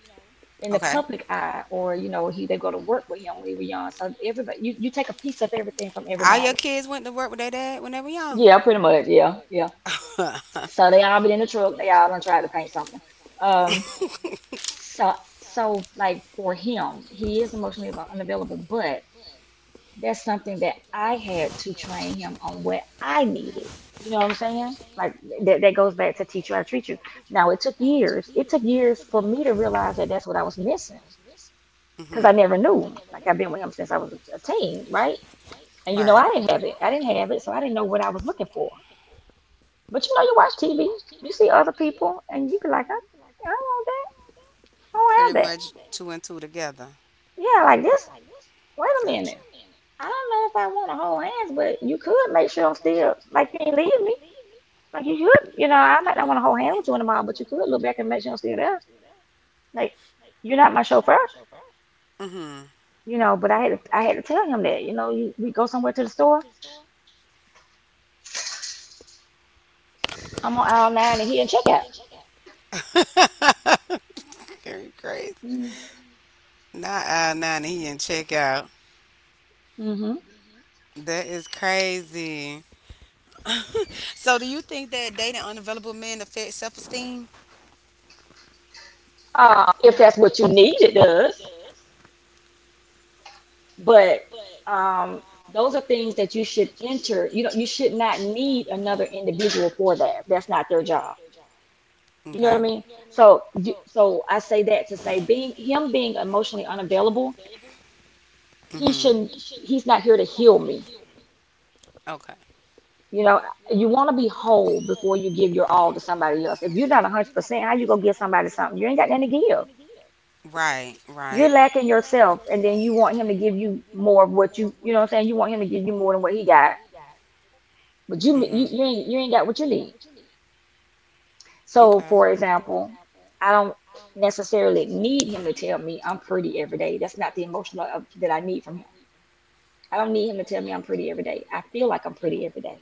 Speaker 2: in the
Speaker 1: Okay.
Speaker 2: public eye, or you know, he they go to work with him when he was young. So everybody, you take a piece of everything from
Speaker 1: All your
Speaker 2: everybody.
Speaker 1: kids went to work with their dad when they were young.
Speaker 2: Yeah, pretty much. Yeah, yeah. So they all been in the truck. They all done tried to paint something. Um, so like for him, he is unavailable, but that's something that I had to train him on what I needed. You know what I'm saying? Like that goes back to teach you how to treat you. Now it took years. It took years for me to realize that that's what I was missing
Speaker 1: Mhm.
Speaker 2: because I never knew. Like I've been with him since I was a teen, right? And you know
Speaker 1: Right.
Speaker 2: I didn't have it. I didn't have it, so I didn't know what I was looking for. But you know, you watch TV, you see other people, and you be like, I don't want that. I don't
Speaker 1: Pretty
Speaker 2: have that.
Speaker 1: much two and two together.
Speaker 2: Yeah, like this. Wait a
Speaker 1: Gotcha.
Speaker 2: minute. I don't know if I want to hold hands, but you could make sure I'm still like you ain't leave me. Like you could, you know, I might not want to hold hands with you in the mall, but you could look back and make sure I'm still there. Like you're not my chauffeur,
Speaker 1: Mhm.
Speaker 2: you know. But I had to tell him that, you know, we go somewhere to the store. I'm on aisle nine and he in checkout.
Speaker 1: Very crazy. Nah, nah, he didn't check out.
Speaker 2: Mm-hmm.
Speaker 1: That is crazy. So, do you think that dating unavailable men affects self esteem?
Speaker 2: If that's what you need, it does. But um, those are things that you should enter. You know, you should not need another individual for that. That's not their job. You know what I
Speaker 1: Okay.
Speaker 2: mean? So, so I say that to say being emotionally unavailable, he
Speaker 1: Mm-hmm.
Speaker 2: shouldn't, he's not here to heal me.
Speaker 1: Okay.
Speaker 2: You know, you want to be whole before you give your all to somebody else. If you're not 100%, how you gonna give somebody something? You ain't got nothing to give.
Speaker 1: Right.
Speaker 2: You're
Speaker 1: Right.
Speaker 2: lacking yourself, and then you want him to give you more of what you know what I'm saying, you want him to give you more than what he got. But
Speaker 1: Mm-hmm. You, you,
Speaker 2: you
Speaker 1: you,
Speaker 2: ain't
Speaker 1: ain't,
Speaker 2: got what
Speaker 1: you
Speaker 2: you
Speaker 1: ain't got
Speaker 2: need.
Speaker 1: what you need.
Speaker 2: So
Speaker 1: Okay.
Speaker 2: for
Speaker 1: So, for
Speaker 2: example,
Speaker 1: example,
Speaker 2: I don't necessarily need him to tell me I'm pretty every day. That's not the emotional that I need from him. I don't need him to tell me I'm pretty every day. I feel like I'm pretty every day.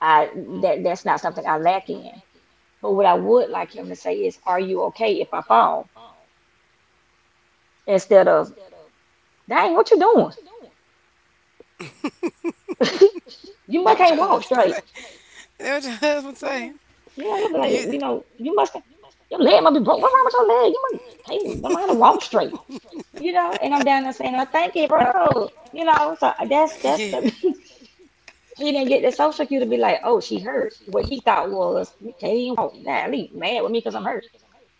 Speaker 2: I that that's not something I lack in. But what I would like him to say is, "Are you okay if I fall?" Instead of, "Dang, what you doing? You must
Speaker 1: That what
Speaker 2: can't
Speaker 1: your okay,
Speaker 2: walk
Speaker 1: husband
Speaker 2: straight."
Speaker 1: say. Well, hey, That what your husband
Speaker 2: You know,
Speaker 1: say.
Speaker 2: you he'll be
Speaker 1: Do you?
Speaker 2: like, you know,
Speaker 1: You know,
Speaker 2: you must
Speaker 1: you must
Speaker 2: your leg must be broke. What's wrong with your leg? You must can't don't know how to walk straight. You know,
Speaker 1: have,
Speaker 2: and
Speaker 1: you
Speaker 2: I'm down
Speaker 1: know,
Speaker 2: there
Speaker 1: and I'm
Speaker 2: saying, "Oh,
Speaker 1: down there
Speaker 2: thank
Speaker 1: saying,
Speaker 2: you,
Speaker 1: well, thank you,
Speaker 2: bro."
Speaker 1: oh,
Speaker 2: You know, so
Speaker 1: you know, yeah,
Speaker 2: that's the he didn't get the social cue to be like, "Oh, she hurt." What he thought was, "You can't even walk." Golly, mad with me because I'm hurt.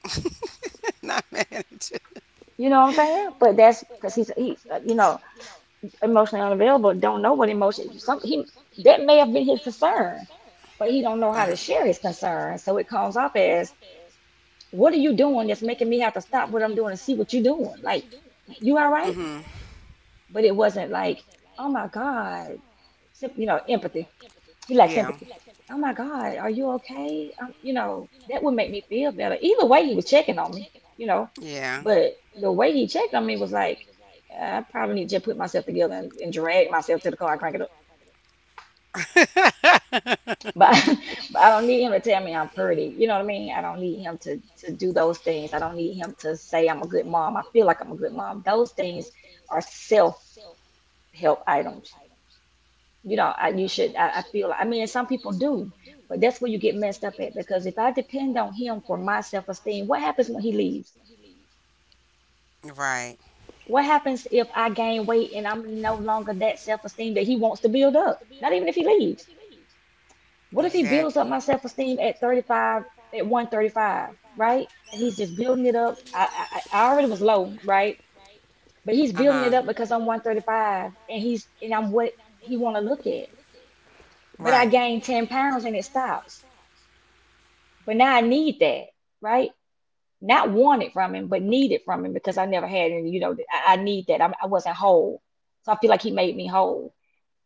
Speaker 1: that's the, not mad at.
Speaker 2: You know what I'm saying? But that's because you know. Emotionally unavailable, don't know what emotion some he, that may have been his concern, but he don't know
Speaker 1: Uh
Speaker 2: how
Speaker 1: huh.
Speaker 2: to share his concern, so it comes off as what are you doing that's making me have to stop what I'm doing and see what you're doing. Like you all right?
Speaker 1: Mhm.
Speaker 2: But it wasn't like oh my god, you know. Empathy, he lacks
Speaker 1: Yeah.
Speaker 2: empathy. Oh my god, are you okay? You know, that would make me feel better. Either way, he was checking on me, you know.
Speaker 1: Yeah.
Speaker 2: But the way he checked on me was like, "Yeah, I probably need to just put myself together and drag myself to the car and crank it up." But, but I don't need him to tell me I'm pretty. You know what I mean? I don't need him to do those things. I don't need him to say I'm a good mom. I feel like I'm a good mom. Those things are self-help items. You know, I you should I feel I mean, and some people do, but that's where you get messed up at, because if I depend on him for my self-esteem, what happens when he leaves?
Speaker 1: Right.
Speaker 2: What happens if I gain weight and I'm no longer that self-esteem that he wants to build up? Not even if he leaves. What if he builds up
Speaker 1: Exactly.
Speaker 2: my self esteem at 35, at 135, right? And he's just building it up. I already was low, right? But he's
Speaker 1: Uh
Speaker 2: building
Speaker 1: huh.
Speaker 2: it up because I'm 135 and he's and I'm what he want to look at. But I
Speaker 1: Right.
Speaker 2: gained 10 pounds and it stops. But now I need that, right? Not want it from him, but need it from him, because I never had any, you know, I need that. I wasn't whole. So I feel like he made me whole.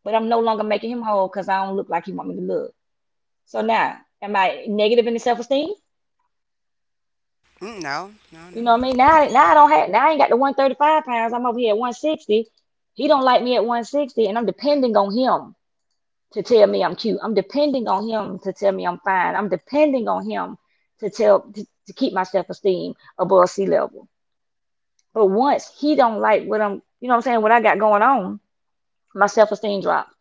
Speaker 2: But I'm no longer making him whole because I don't look like he want me to look. So now, am I negative in the self-esteem?
Speaker 1: Mm, no. No. No.
Speaker 2: You know what I mean?
Speaker 1: No.
Speaker 2: Now I don't have, now I ain't got the 135 pounds. I'm over here at 160. He don't like me at 160, and I'm depending on him to tell me I'm cute. I'm depending on him to tell me I'm fine. I'm depending on him to keep my self-esteem above sea level. But once he don't like what you know what I'm saying, what I got going on, my self-esteem drops.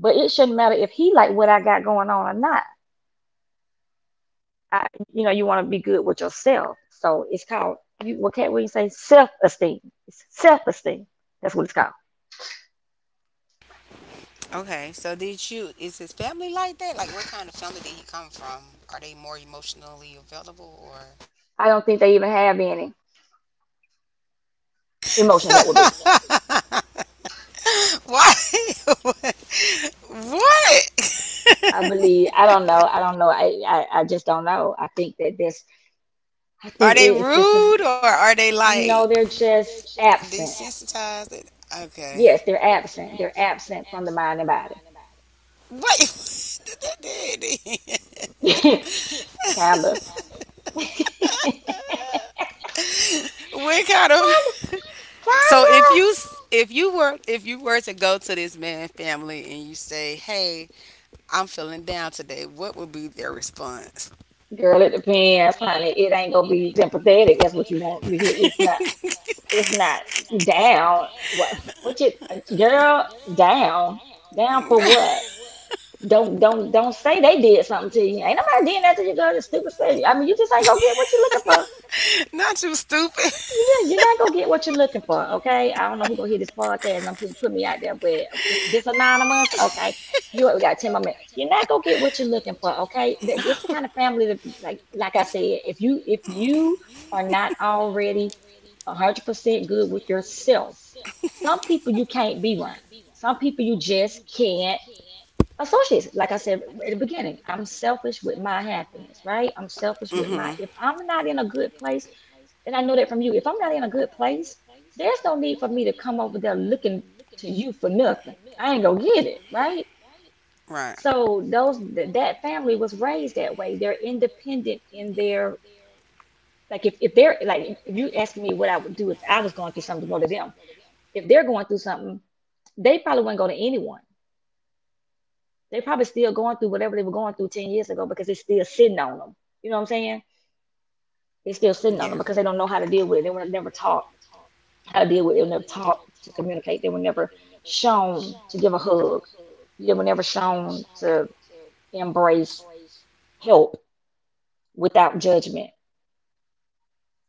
Speaker 2: But it shouldn't matter if he like what I got going on or not. I, you know, you want to be good with yourself. So it's called you. What can not we say? Self esteem. It's self esteem. That's what it's called.
Speaker 1: Okay. So did you? Is his family like that? Like, what kind of family did he come from? Are they more emotionally available or?
Speaker 2: I don't think they even have any emotions. That would be.
Speaker 1: Why? What?
Speaker 2: I believe. I don't know. I don't know. I just don't know. I think that this. I think
Speaker 1: Are they
Speaker 2: it's just. A,
Speaker 1: rude, or are they like
Speaker 2: no, they're just absent.
Speaker 1: desensitized? Okay.
Speaker 2: Yes, they're absent. They're absent from the mind and body.
Speaker 1: What?
Speaker 2: Kinda. Kinda.
Speaker 1: What kind of? So
Speaker 2: Kinda.
Speaker 1: if if you were, if you were to go to this man family and you say, "Hey, I'm feeling down today," what would be their response?
Speaker 2: Girl, it depends, honey. It ain't gonna be sympathetic. That's what you want to hear. It's not. It's not down. What? Girl? Down? Down
Speaker 1: gonna do.
Speaker 2: for
Speaker 1: Like,
Speaker 2: what?
Speaker 1: for
Speaker 2: Don't say they did something to you. Ain't nobody did that to you, girl. It's stupid. Say. I mean, you just ain't gonna get what you are looking for.
Speaker 1: not you stupid.
Speaker 2: Yeah,
Speaker 1: Get
Speaker 2: you're not gonna get what you're looking for, okay? I don't know who gonna hear this podcast and I'm put me out there, but this anonymous, okay? You we got ten more minutes. You're not gonna get what
Speaker 1: there.
Speaker 2: you're looking for, okay? This the kind of family that, like I said, if you are not already 100% good with yourself, some people you can't be around. Some people you just can't associate. Like I said at the beginning, I'm selfish with my happiness, right? I'm
Speaker 1: Of
Speaker 2: selfish
Speaker 1: family
Speaker 2: with my.
Speaker 1: that
Speaker 2: If
Speaker 1: mhm.
Speaker 2: I'm not in a good place. And I know that from you. If I'm not in a good place, there's no need for me to come over there looking to you for nothing. I ain't gonna get it, right?
Speaker 1: Right.
Speaker 2: So that family was raised that way. They're independent in their like if they're like if you ask me what I would do if I was going through something to go to them, if they're going through something, they probably wouldn't go to anyone. They probably still going through whatever they were going through 10 years ago because it's still sitting on them. You know what I'm saying? It's still sitting on them because they don't know how to deal with it. They were never taught I deal with. They were never taught to communicate. They were never shown to give a hug. They were never shown to embrace, help without judgment.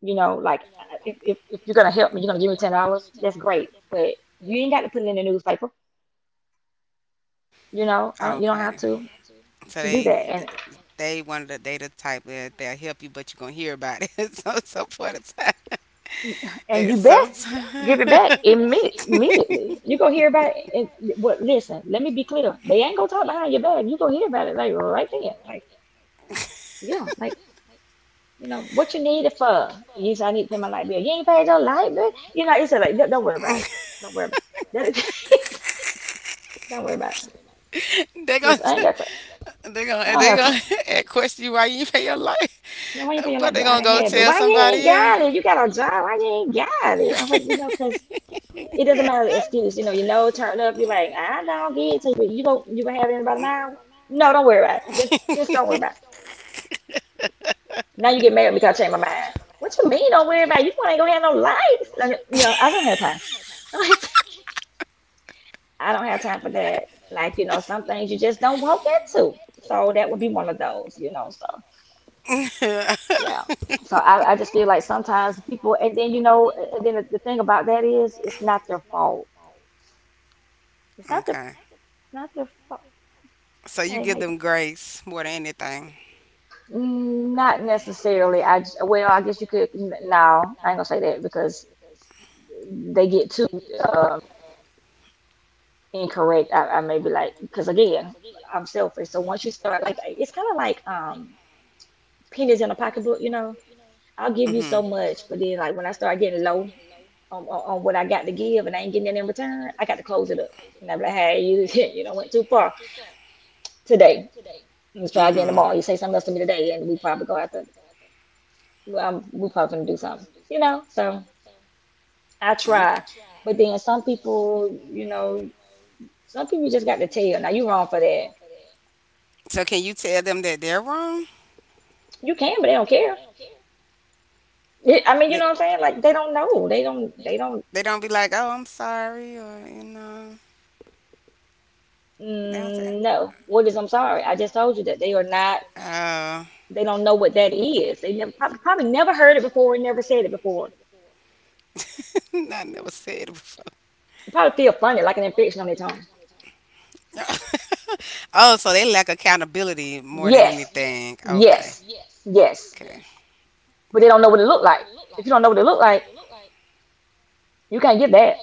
Speaker 2: You know, like if you're gonna help me, you're gonna give me $10. That's great, but you ain't got to put it in the newspaper. You know, I don't, you don't have to
Speaker 1: So
Speaker 2: do
Speaker 1: they
Speaker 2: that,
Speaker 1: they wanted the, they the type that they'll help you, but you're gonna hear about it. So, so for the time. It
Speaker 2: and you
Speaker 1: give
Speaker 2: best
Speaker 1: sometimes.
Speaker 2: give it back immediately. You go hear about it. Well, listen, let me be clear. They ain't gonna talk behind your back. You gonna hear about it like right then. Like yeah, like you know, what you need it for? You said I need to pay my light bill. You ain't paid your light bill. You know, you just like don't worry about it. Don't worry about it. Don't worry about it.
Speaker 1: they gonna
Speaker 2: Cause I ain't got to.
Speaker 1: they
Speaker 2: I
Speaker 1: gonna
Speaker 2: don't
Speaker 1: they
Speaker 2: have
Speaker 1: gonna
Speaker 2: to.
Speaker 1: question you why you ain't pay your life,
Speaker 2: You know, why you pay your
Speaker 1: but
Speaker 2: light
Speaker 1: they
Speaker 2: bill? I
Speaker 1: gonna
Speaker 2: don't
Speaker 1: go
Speaker 2: have it.
Speaker 1: tell
Speaker 2: Why you ain't
Speaker 1: somebody else.
Speaker 2: got it? You got a job. Why you ain't got it? I was like, cause it doesn't matter the excuse. Turn up. You're like, I don't get it. So you go, you gonna have it in about an hour. No, don't worry about it. Just don't worry about it. Now you get mad because I changed my mind. What you mean? Don't worry about it. You ain't gonna have no lights. Like, you know, I don't have time. I don't have I don't have time for that. Like, you know, some things you just don't walk into. So that would be one of those, you know. So yeah. So I just feel like sometimes people, and then you know, and then the thing about that is, it's not their fault. It's not their
Speaker 1: Okay.
Speaker 2: Not their fault.
Speaker 1: So you
Speaker 2: Hey,
Speaker 1: give
Speaker 2: hey.
Speaker 1: them grace more than anything.
Speaker 2: Mm, not necessarily. Well, I guess you could. No, I ain't gonna say that because they get too um, incorrect. I may be like, because again, I'm selfish. So once you start, like, it's kind of like pennies in a pocketbook, you know, I'll give you
Speaker 1: Mhm.
Speaker 2: so much, but then like when I start getting low on, on what I got to give and I ain't getting it in return, I got to close it up. And I'm like, hey, you went too far today. Let's try again
Speaker 1: Mhm.
Speaker 2: tomorrow. You say something else to me today, and we probably go out to well, we probably gonna do something, you know. So I
Speaker 1: Mm.
Speaker 2: try, but then some people, you know, some people just got to tell. Now you wrong for that.
Speaker 1: So can you tell them that they're wrong?
Speaker 2: You can, but they don't care. Yeah, I mean, you
Speaker 1: They
Speaker 2: know what I'm saying? Like they don't know. They don't. They don't.
Speaker 1: they don't be like, "Oh, I'm sorry," or you know, they don't say,
Speaker 2: Mm, no. What is? I'm
Speaker 1: "Oh,
Speaker 2: sorry. I just told you that they are not. They don't know what that is. They never probably never heard it before, never said it before.
Speaker 1: I never said it before."
Speaker 2: It probably feel funny, like an infection on their tongue.
Speaker 1: Oh, so they lack accountability more than
Speaker 2: Yes,
Speaker 1: anything. Okay.
Speaker 2: yes, yes.
Speaker 1: Okay.
Speaker 2: But they don't know what it looked like. If you don't know what it looked like, you can't get that.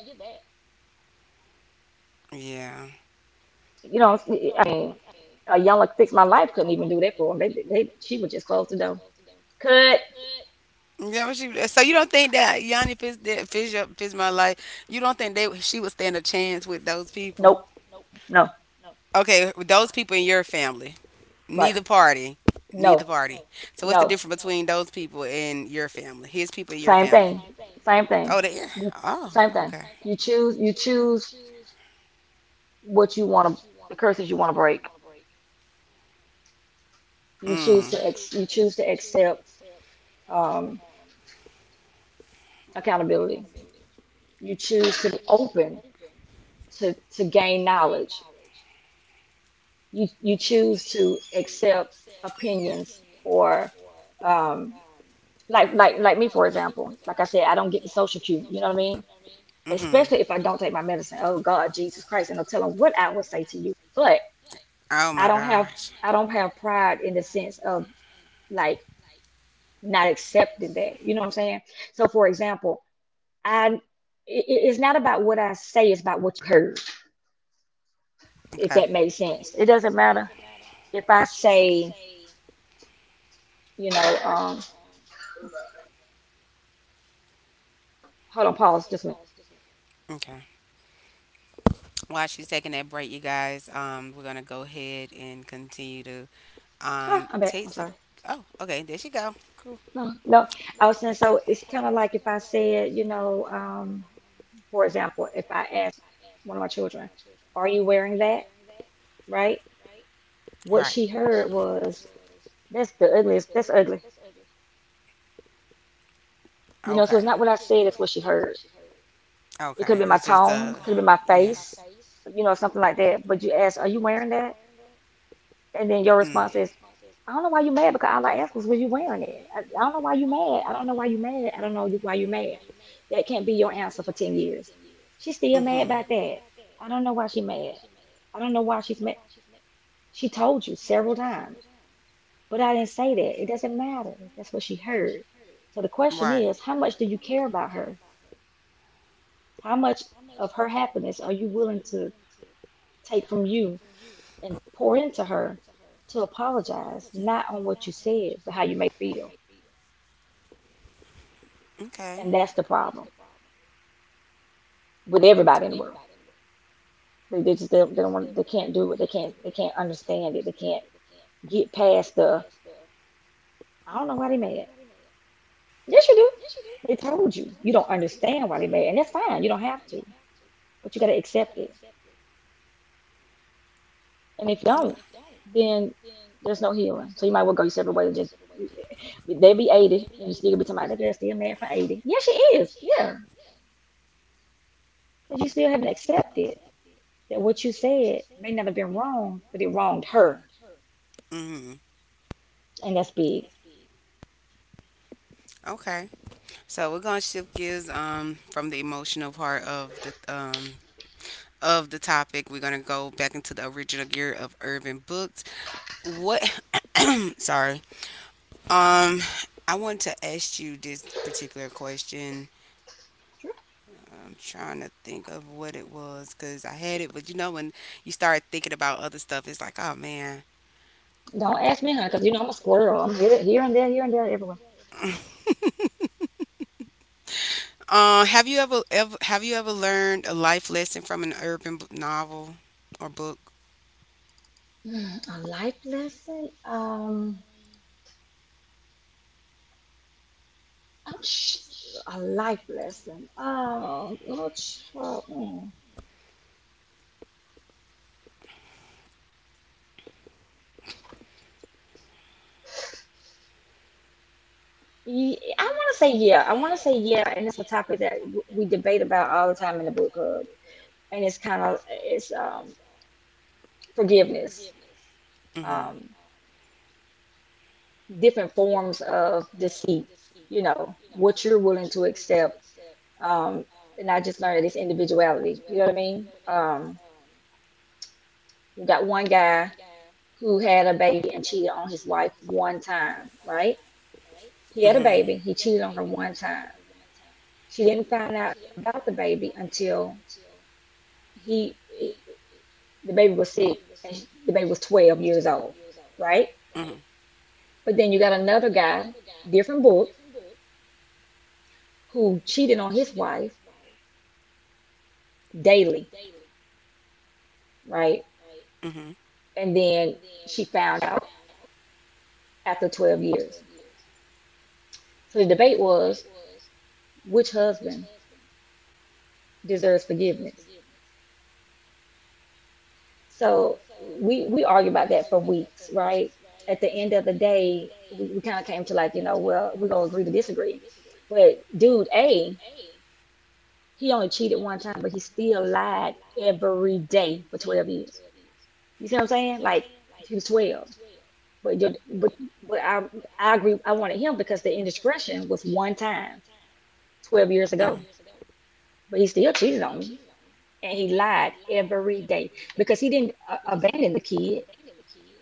Speaker 1: Yeah.
Speaker 2: You know, I mean, a young like fix my life couldn't even do that for them. They- she would just close the door. Could
Speaker 1: Yeah, what you, so you don't think that Yanni Fiz, that Fiz, Fizma, like, you don't think they, she would stand a chance with those people?
Speaker 2: nope, no,
Speaker 1: Okay, with those people in your family,
Speaker 2: right,
Speaker 1: neither party, neither
Speaker 2: no,
Speaker 1: party. So what's the
Speaker 2: no.
Speaker 1: difference between those people and your family? His people and your
Speaker 2: Same
Speaker 1: family.
Speaker 2: thing, same thing.
Speaker 1: Oh, they.
Speaker 2: You,
Speaker 1: Oh,
Speaker 2: same thing.
Speaker 1: okay.
Speaker 2: You choose what you want to, the curses you want to break. You choose
Speaker 1: Mm.
Speaker 2: to ex you choose to accept um, accountability. You choose to be open to gain knowledge. You choose to accept opinions or um, like me for example. Like I said, I don't get the social cue. You know what I mean?
Speaker 1: Mhm.
Speaker 2: Especially if I don't take my medicine. Oh God, Jesus Christ! And I'll tell them what I would say to you. But
Speaker 1: Oh
Speaker 2: I
Speaker 1: my
Speaker 2: don't have
Speaker 1: gosh.
Speaker 2: I don't have pride in the sense of like not accepting that. You know what I'm saying? So for example. I It's not about what I say, it's about what you heard, if
Speaker 1: Okay.
Speaker 2: that makes sense. It doesn't matter if I say, you know, um, hold on, pause just a minute.
Speaker 1: Okay. While she's taking that break, you guys, we're gonna go ahead and continue to
Speaker 2: Huh, I'm back.
Speaker 1: take
Speaker 2: I'm
Speaker 1: some.
Speaker 2: sorry.
Speaker 1: Oh, okay. There she go. Cool.
Speaker 2: No, no. I was saying so it's kind of like if I said, for example, if I ask one of my children, "Are you wearing that?" Right? What
Speaker 1: Right.
Speaker 2: she heard was, "That's the ugliest. That's ugly." You know, so
Speaker 1: Okay.
Speaker 2: it's not what I said; it's what she heard. It could
Speaker 1: Okay.
Speaker 2: be my
Speaker 1: It's just
Speaker 2: tone, could be my
Speaker 1: yeah.
Speaker 2: face, you know, something like that. But you ask, "Are you wearing that?" And then your
Speaker 1: Mm.
Speaker 2: response is, I don't know why you mad because all I asked was, were you wearing it? I don't know why you mad. I don't know why you mad. I don't know you- Why you mad. That can't be your answer for 10 years. She's still mad
Speaker 1: Mhm. Still
Speaker 2: about that. I don't know why she mad. I don't know why she's mad. She told you several times, but I didn't say that. It doesn't matter. That's what she heard. So the question
Speaker 1: right.
Speaker 2: is, how much do you care about her? How much of her happiness are you willing to take from you and pour into her to apologize, not on what you said, but how you may feel?
Speaker 1: Okay.
Speaker 2: And that's the problem with everybody in the world. They don't want they can't do it. They can't understand it. They can't get past the I don't know why they mad. Yes, you do. They told you you don't understand why they mad, and that's fine. You don't have to, but you got to accept it. And if you don't, then there's no healing. So you might well go your separate way. Just they be 80, and you still be talking about that girl still mad for 80. Yeah, she is. Yeah, but you still haven't accepted that what you said may not have been wrong, but it wronged her,
Speaker 1: Mhm.
Speaker 2: and that's big.
Speaker 1: Okay. So we're gonna shift gears from the emotional part of the topic. We're gonna go back into the original gear of urban books. What? Sorry. Um, I want to ask you this particular question. I'm trying to think of what it was because I had it, but you know when you start thinking about other stuff, it's like, oh man.
Speaker 2: Don't ask me, huh? Because you know I'm a squirrel. I'm here, here and there, everywhere.
Speaker 1: Have you ever learned a life lesson from an novel or book?
Speaker 2: Hmm, a life lesson? I'm sh a life lesson. Oh, no, mm. I want to say yeah. I want to say yeah, and it's a topic that we debate about all the time in the book club, and it's kind of it's forgiveness,
Speaker 1: Mhm.
Speaker 2: um different forms of deceit. You know what you're willing to accept. Um, and I just learned this individuality. You know what I mean? Um, you got one guy who had a baby and cheated on his wife one time, right? He had a
Speaker 1: Mhm.
Speaker 2: baby, he cheated on her one time. She didn't find out about the baby until he the baby was sick and the baby was 12 years old, right?
Speaker 1: Mhm.
Speaker 2: But then you got another guy, different book, who cheated on his wife daily, right?
Speaker 1: Mhm.
Speaker 2: And then she found out after 12 years. So the debate was which husband deserves forgiveness? So we argue about that for weeks, right? At the end of the day, we kind of came to like, you know, well, we're gonna agree to disagree. But dude A, he only cheated one time, but he still lied every day for 12 years. You see what I'm saying? Like he was 12. But you but I agree I wanted him because the indiscretion was one time 12 years ago.
Speaker 1: Mhm.
Speaker 2: But he still cheated on me. And he lied every day because he didn't abandon the kid.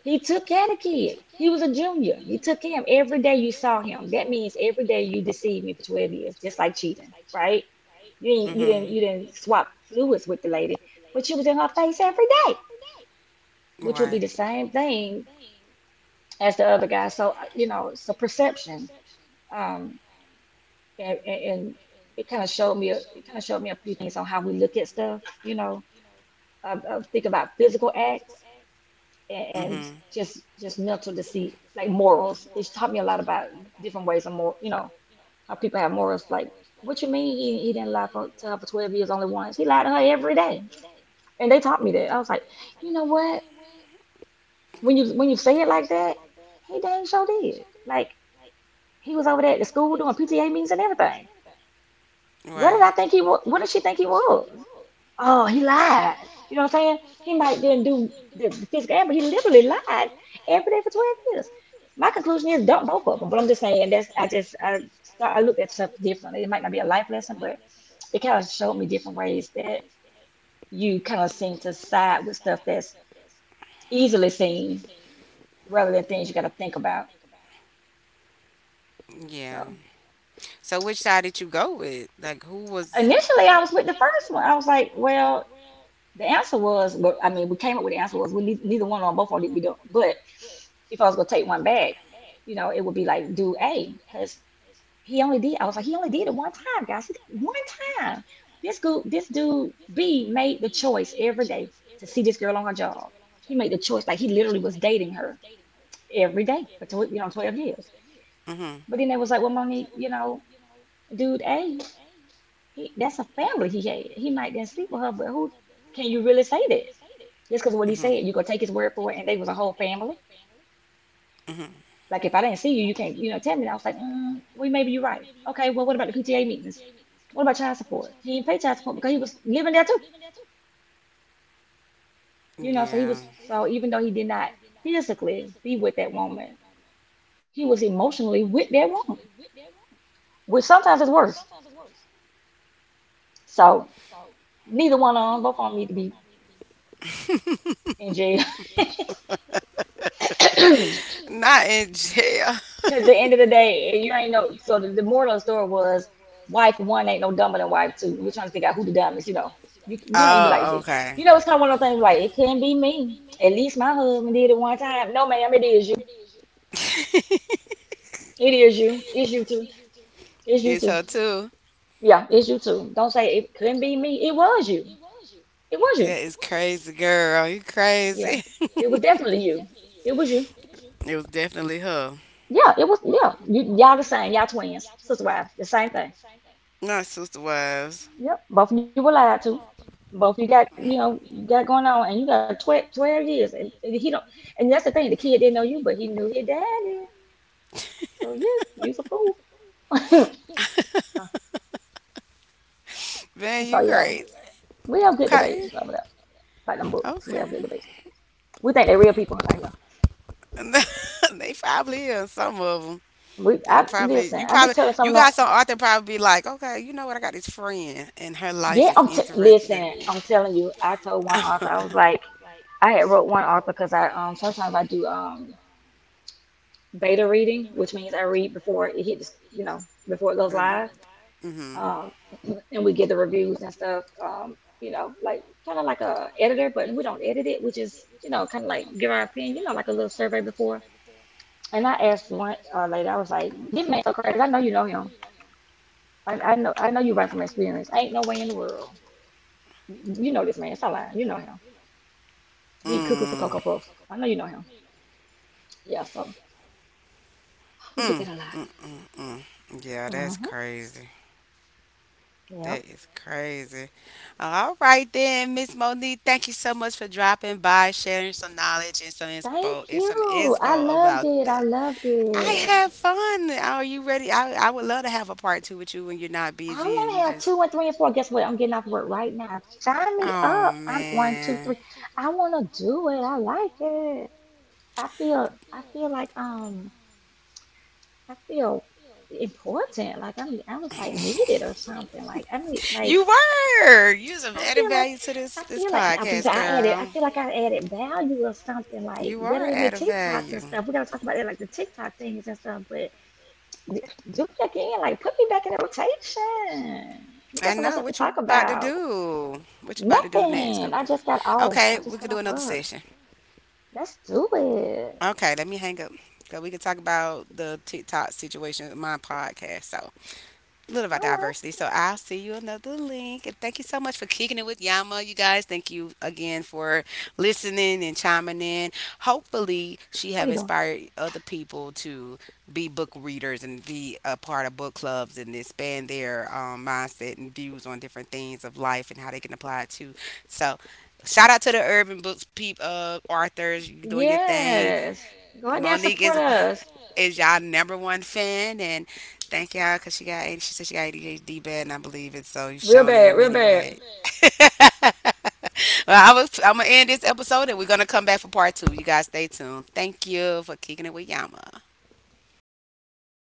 Speaker 2: He took care of the kid. He was a junior. He took care of him every day you saw him. That means every day you deceived me for 12 years, just like cheating, right?
Speaker 1: Mhm.
Speaker 2: You didn't swap fluids with the lady, but she was in her face every day, which would be
Speaker 1: Right.
Speaker 2: the same thing as the other guy. So, you know, it's a perception. Um, and it kind of showed it kind of showed me a few things on how we look at stuff, you know, think about physical acts and
Speaker 1: Mhm.
Speaker 2: just mental deceit, like morals. It taught me a lot about different ways of moral, you know, how people have morals. Like, what you mean he didn't lie for to her for 12 years only once? He lied to her every day. And they taught me that. I was like, you know what? When you say it like that, he dang sure did. Like he was over there at the school doing PTA meetings and everything. What did
Speaker 1: Right.
Speaker 2: I think he was? What did she think he was? Oh, he lied. You know what I'm saying? He might didn't do the physical act, but he literally lied every day for 12 years. My conclusion is dump both of them. But I'm just saying that's I look at stuff differently. It might not be a life lesson, but it kind of showed me different ways that you kind of seem to side with stuff that's easily seen rather than things you got to think about.
Speaker 1: Yeah.
Speaker 2: So
Speaker 1: So which side did you go with? Like, who was?
Speaker 2: initially, I was with the first one. I was like, well. The answer was, but I mean, we came up with the answer was we neither, neither one or both of these we don't. But if I was gonna take one back, you know, it would be like do A because he only did. I was like, he only did it one time, guys. One time. This dude B made the choice every day to see this girl on her job. He made the choice like he literally was dating her every day for 12 years.
Speaker 1: Mhm.
Speaker 2: But then they was like, well, Monique, you know, dude A, he that's a family he had. He might didn't sleep with her, but who can you really say that? Just because of what he
Speaker 1: Mhm.
Speaker 2: said, you gonna take his word for it, and they was a whole family.
Speaker 1: Mhm.
Speaker 2: Like if I didn't see you, you can't, tell me. And I was like, mm, well, maybe you're right. Okay, well, what about the PTA meetings? What about child support? He didn't pay child support because he was living there too. So he
Speaker 1: Yeah.
Speaker 2: was so even though he did not physically be with that woman, he was emotionally with that woman, which sometimes is worse. So neither one of them, both of them need to be in jail.
Speaker 1: Not yes, in jail.
Speaker 2: Because the end of the day, you ain't no. So the moral of the story was, wife one ain't no dumber than wife two. We're trying to figure out who the dumb is. You know, you know how you be like,
Speaker 1: Oh,
Speaker 2: "Gee,"
Speaker 1: okay.
Speaker 2: it's kind of one of those things like it couldn't be me. At least my husband did it one time. No, ma'am, it is you. It is you. It's you too. It's you
Speaker 1: You
Speaker 2: too.
Speaker 1: told too.
Speaker 2: Yeah, it's you too. Don't say it couldn't be me. It was you. It was
Speaker 1: That
Speaker 2: you.
Speaker 1: is crazy, girl. You
Speaker 2: Yeah,
Speaker 1: crazy.
Speaker 2: it was definitely you. It was you.
Speaker 1: It was definitely her.
Speaker 2: Yeah, it was. Yeah, you y'all the same. Y'all twins, sister wives, the same thing.
Speaker 1: Not sister wives.
Speaker 2: Yep, both of you were lied to. Both you got, got going on, and you got 12, twelve years, and, he don't. And that's the thing, the kid didn't know you, but he knew your daddy. So yes, you's a fool. so,
Speaker 1: Man, you
Speaker 2: yeah,
Speaker 1: crazy.
Speaker 2: we have good
Speaker 1: Okay.
Speaker 2: debates over there, like them books. We have good
Speaker 1: Okay.
Speaker 2: debates. We think they're real people out here.
Speaker 1: They probably is, some of 'em. You
Speaker 2: I
Speaker 1: probably,
Speaker 2: listen.
Speaker 1: you
Speaker 2: I be
Speaker 1: probably,
Speaker 2: telling
Speaker 1: you
Speaker 2: someone,
Speaker 1: got some Arthur probably be like, okay, you know what? I got this friend, and her life
Speaker 2: yeah,
Speaker 1: is
Speaker 2: listen.
Speaker 1: interesting.
Speaker 2: I'm telling you, I told one author, I was like, I had wrote one author because I sometimes I do beta reading, which means I read before it hits, you know, before it goes
Speaker 1: The,
Speaker 2: live.
Speaker 1: mm-hmm.
Speaker 2: um, and we get the reviews and stuff. You know, like kind of like a editor, but we don't edit it. We just, you know, kind of like give our opinion. You know, like a little survey before. And I asked one lady, I was like, "This me so crazy. I know you know him. I know you right from experience. Ain't no way in the world. You know this man. Stop lying. You know him. He cuckoo for
Speaker 1: Mm.
Speaker 2: Cocoa Puff. I know you know him." Yeah, so we get
Speaker 1: Mm.
Speaker 2: that a lot.
Speaker 1: Mm. Mm. Yeah, that's
Speaker 2: Mm-hmm.
Speaker 1: crazy. That
Speaker 2: Yep.
Speaker 1: is crazy. All right then, Miss Monique, thank you so much for dropping by, sharing some knowledge
Speaker 2: Thank
Speaker 1: and some
Speaker 2: you. I
Speaker 1: info
Speaker 2: loved
Speaker 1: about
Speaker 2: it. I
Speaker 1: the.
Speaker 2: loved
Speaker 1: I
Speaker 2: it.
Speaker 1: had fun. Are you ready? I would love to have a part two with you when you're not
Speaker 2: I
Speaker 1: busy and
Speaker 2: want
Speaker 1: you
Speaker 2: to have
Speaker 1: just.
Speaker 2: two and three and four. Guess what? I'm getting off work right now. Sign me
Speaker 1: Oh
Speaker 2: up. I'm one, two, three.
Speaker 1: man.
Speaker 2: I want to do it. I like it. I feel like I feel important. I was like needed or something.
Speaker 1: You were. You was
Speaker 2: I
Speaker 1: added
Speaker 2: feel like.
Speaker 1: value to this
Speaker 2: I
Speaker 1: this
Speaker 2: feel like I was.
Speaker 1: podcast,
Speaker 2: I added. I
Speaker 1: girl.
Speaker 2: feel like I added value or something. Like
Speaker 1: You are
Speaker 2: better than the
Speaker 1: added
Speaker 2: TikToks and
Speaker 1: value.
Speaker 2: stuff. We gotta talk about that, like the TikTok things and stuff. But do it again. Like put me back in the rotation. We got
Speaker 1: I
Speaker 2: some more
Speaker 1: know
Speaker 2: stuff to
Speaker 1: what you
Speaker 2: talk
Speaker 1: about to
Speaker 2: about.
Speaker 1: do. What you about to do next? Go.
Speaker 2: Nothing.
Speaker 1: Okay,
Speaker 2: I
Speaker 1: we could
Speaker 2: just
Speaker 1: do
Speaker 2: got off
Speaker 1: another
Speaker 2: work.
Speaker 1: session.
Speaker 2: Let's do it.
Speaker 1: Okay, let me hang up. 'Cause we could talk about the TikTok situation with my podcast. So little
Speaker 2: All
Speaker 1: about
Speaker 2: right.
Speaker 1: diversity. So I'll see you another link. And thank you so much for kicking it with Yama, you guys. Thank you again for listening and chiming in. Hopefully, she
Speaker 2: What are
Speaker 1: have
Speaker 2: you doing?
Speaker 1: inspired other people to be book readers and be a part of book clubs and expand their mindset and views on different things of life and how they can apply it to. So shout out to the urban books peep authors. You're doing your thing.
Speaker 2: Yes. Go out there and
Speaker 1: Monique
Speaker 2: support
Speaker 1: is
Speaker 2: us.
Speaker 1: is y'all number one fan, and thank y'all because she said she got ADHD bad, and I believe it. So you've
Speaker 2: Real
Speaker 1: shown it
Speaker 2: bad,
Speaker 1: in
Speaker 2: real
Speaker 1: many
Speaker 2: bad.
Speaker 1: ways. Well, I'm gonna end this episode, and we're gonna come back for part two. You guys stay tuned. Thank you for kicking it with Yama.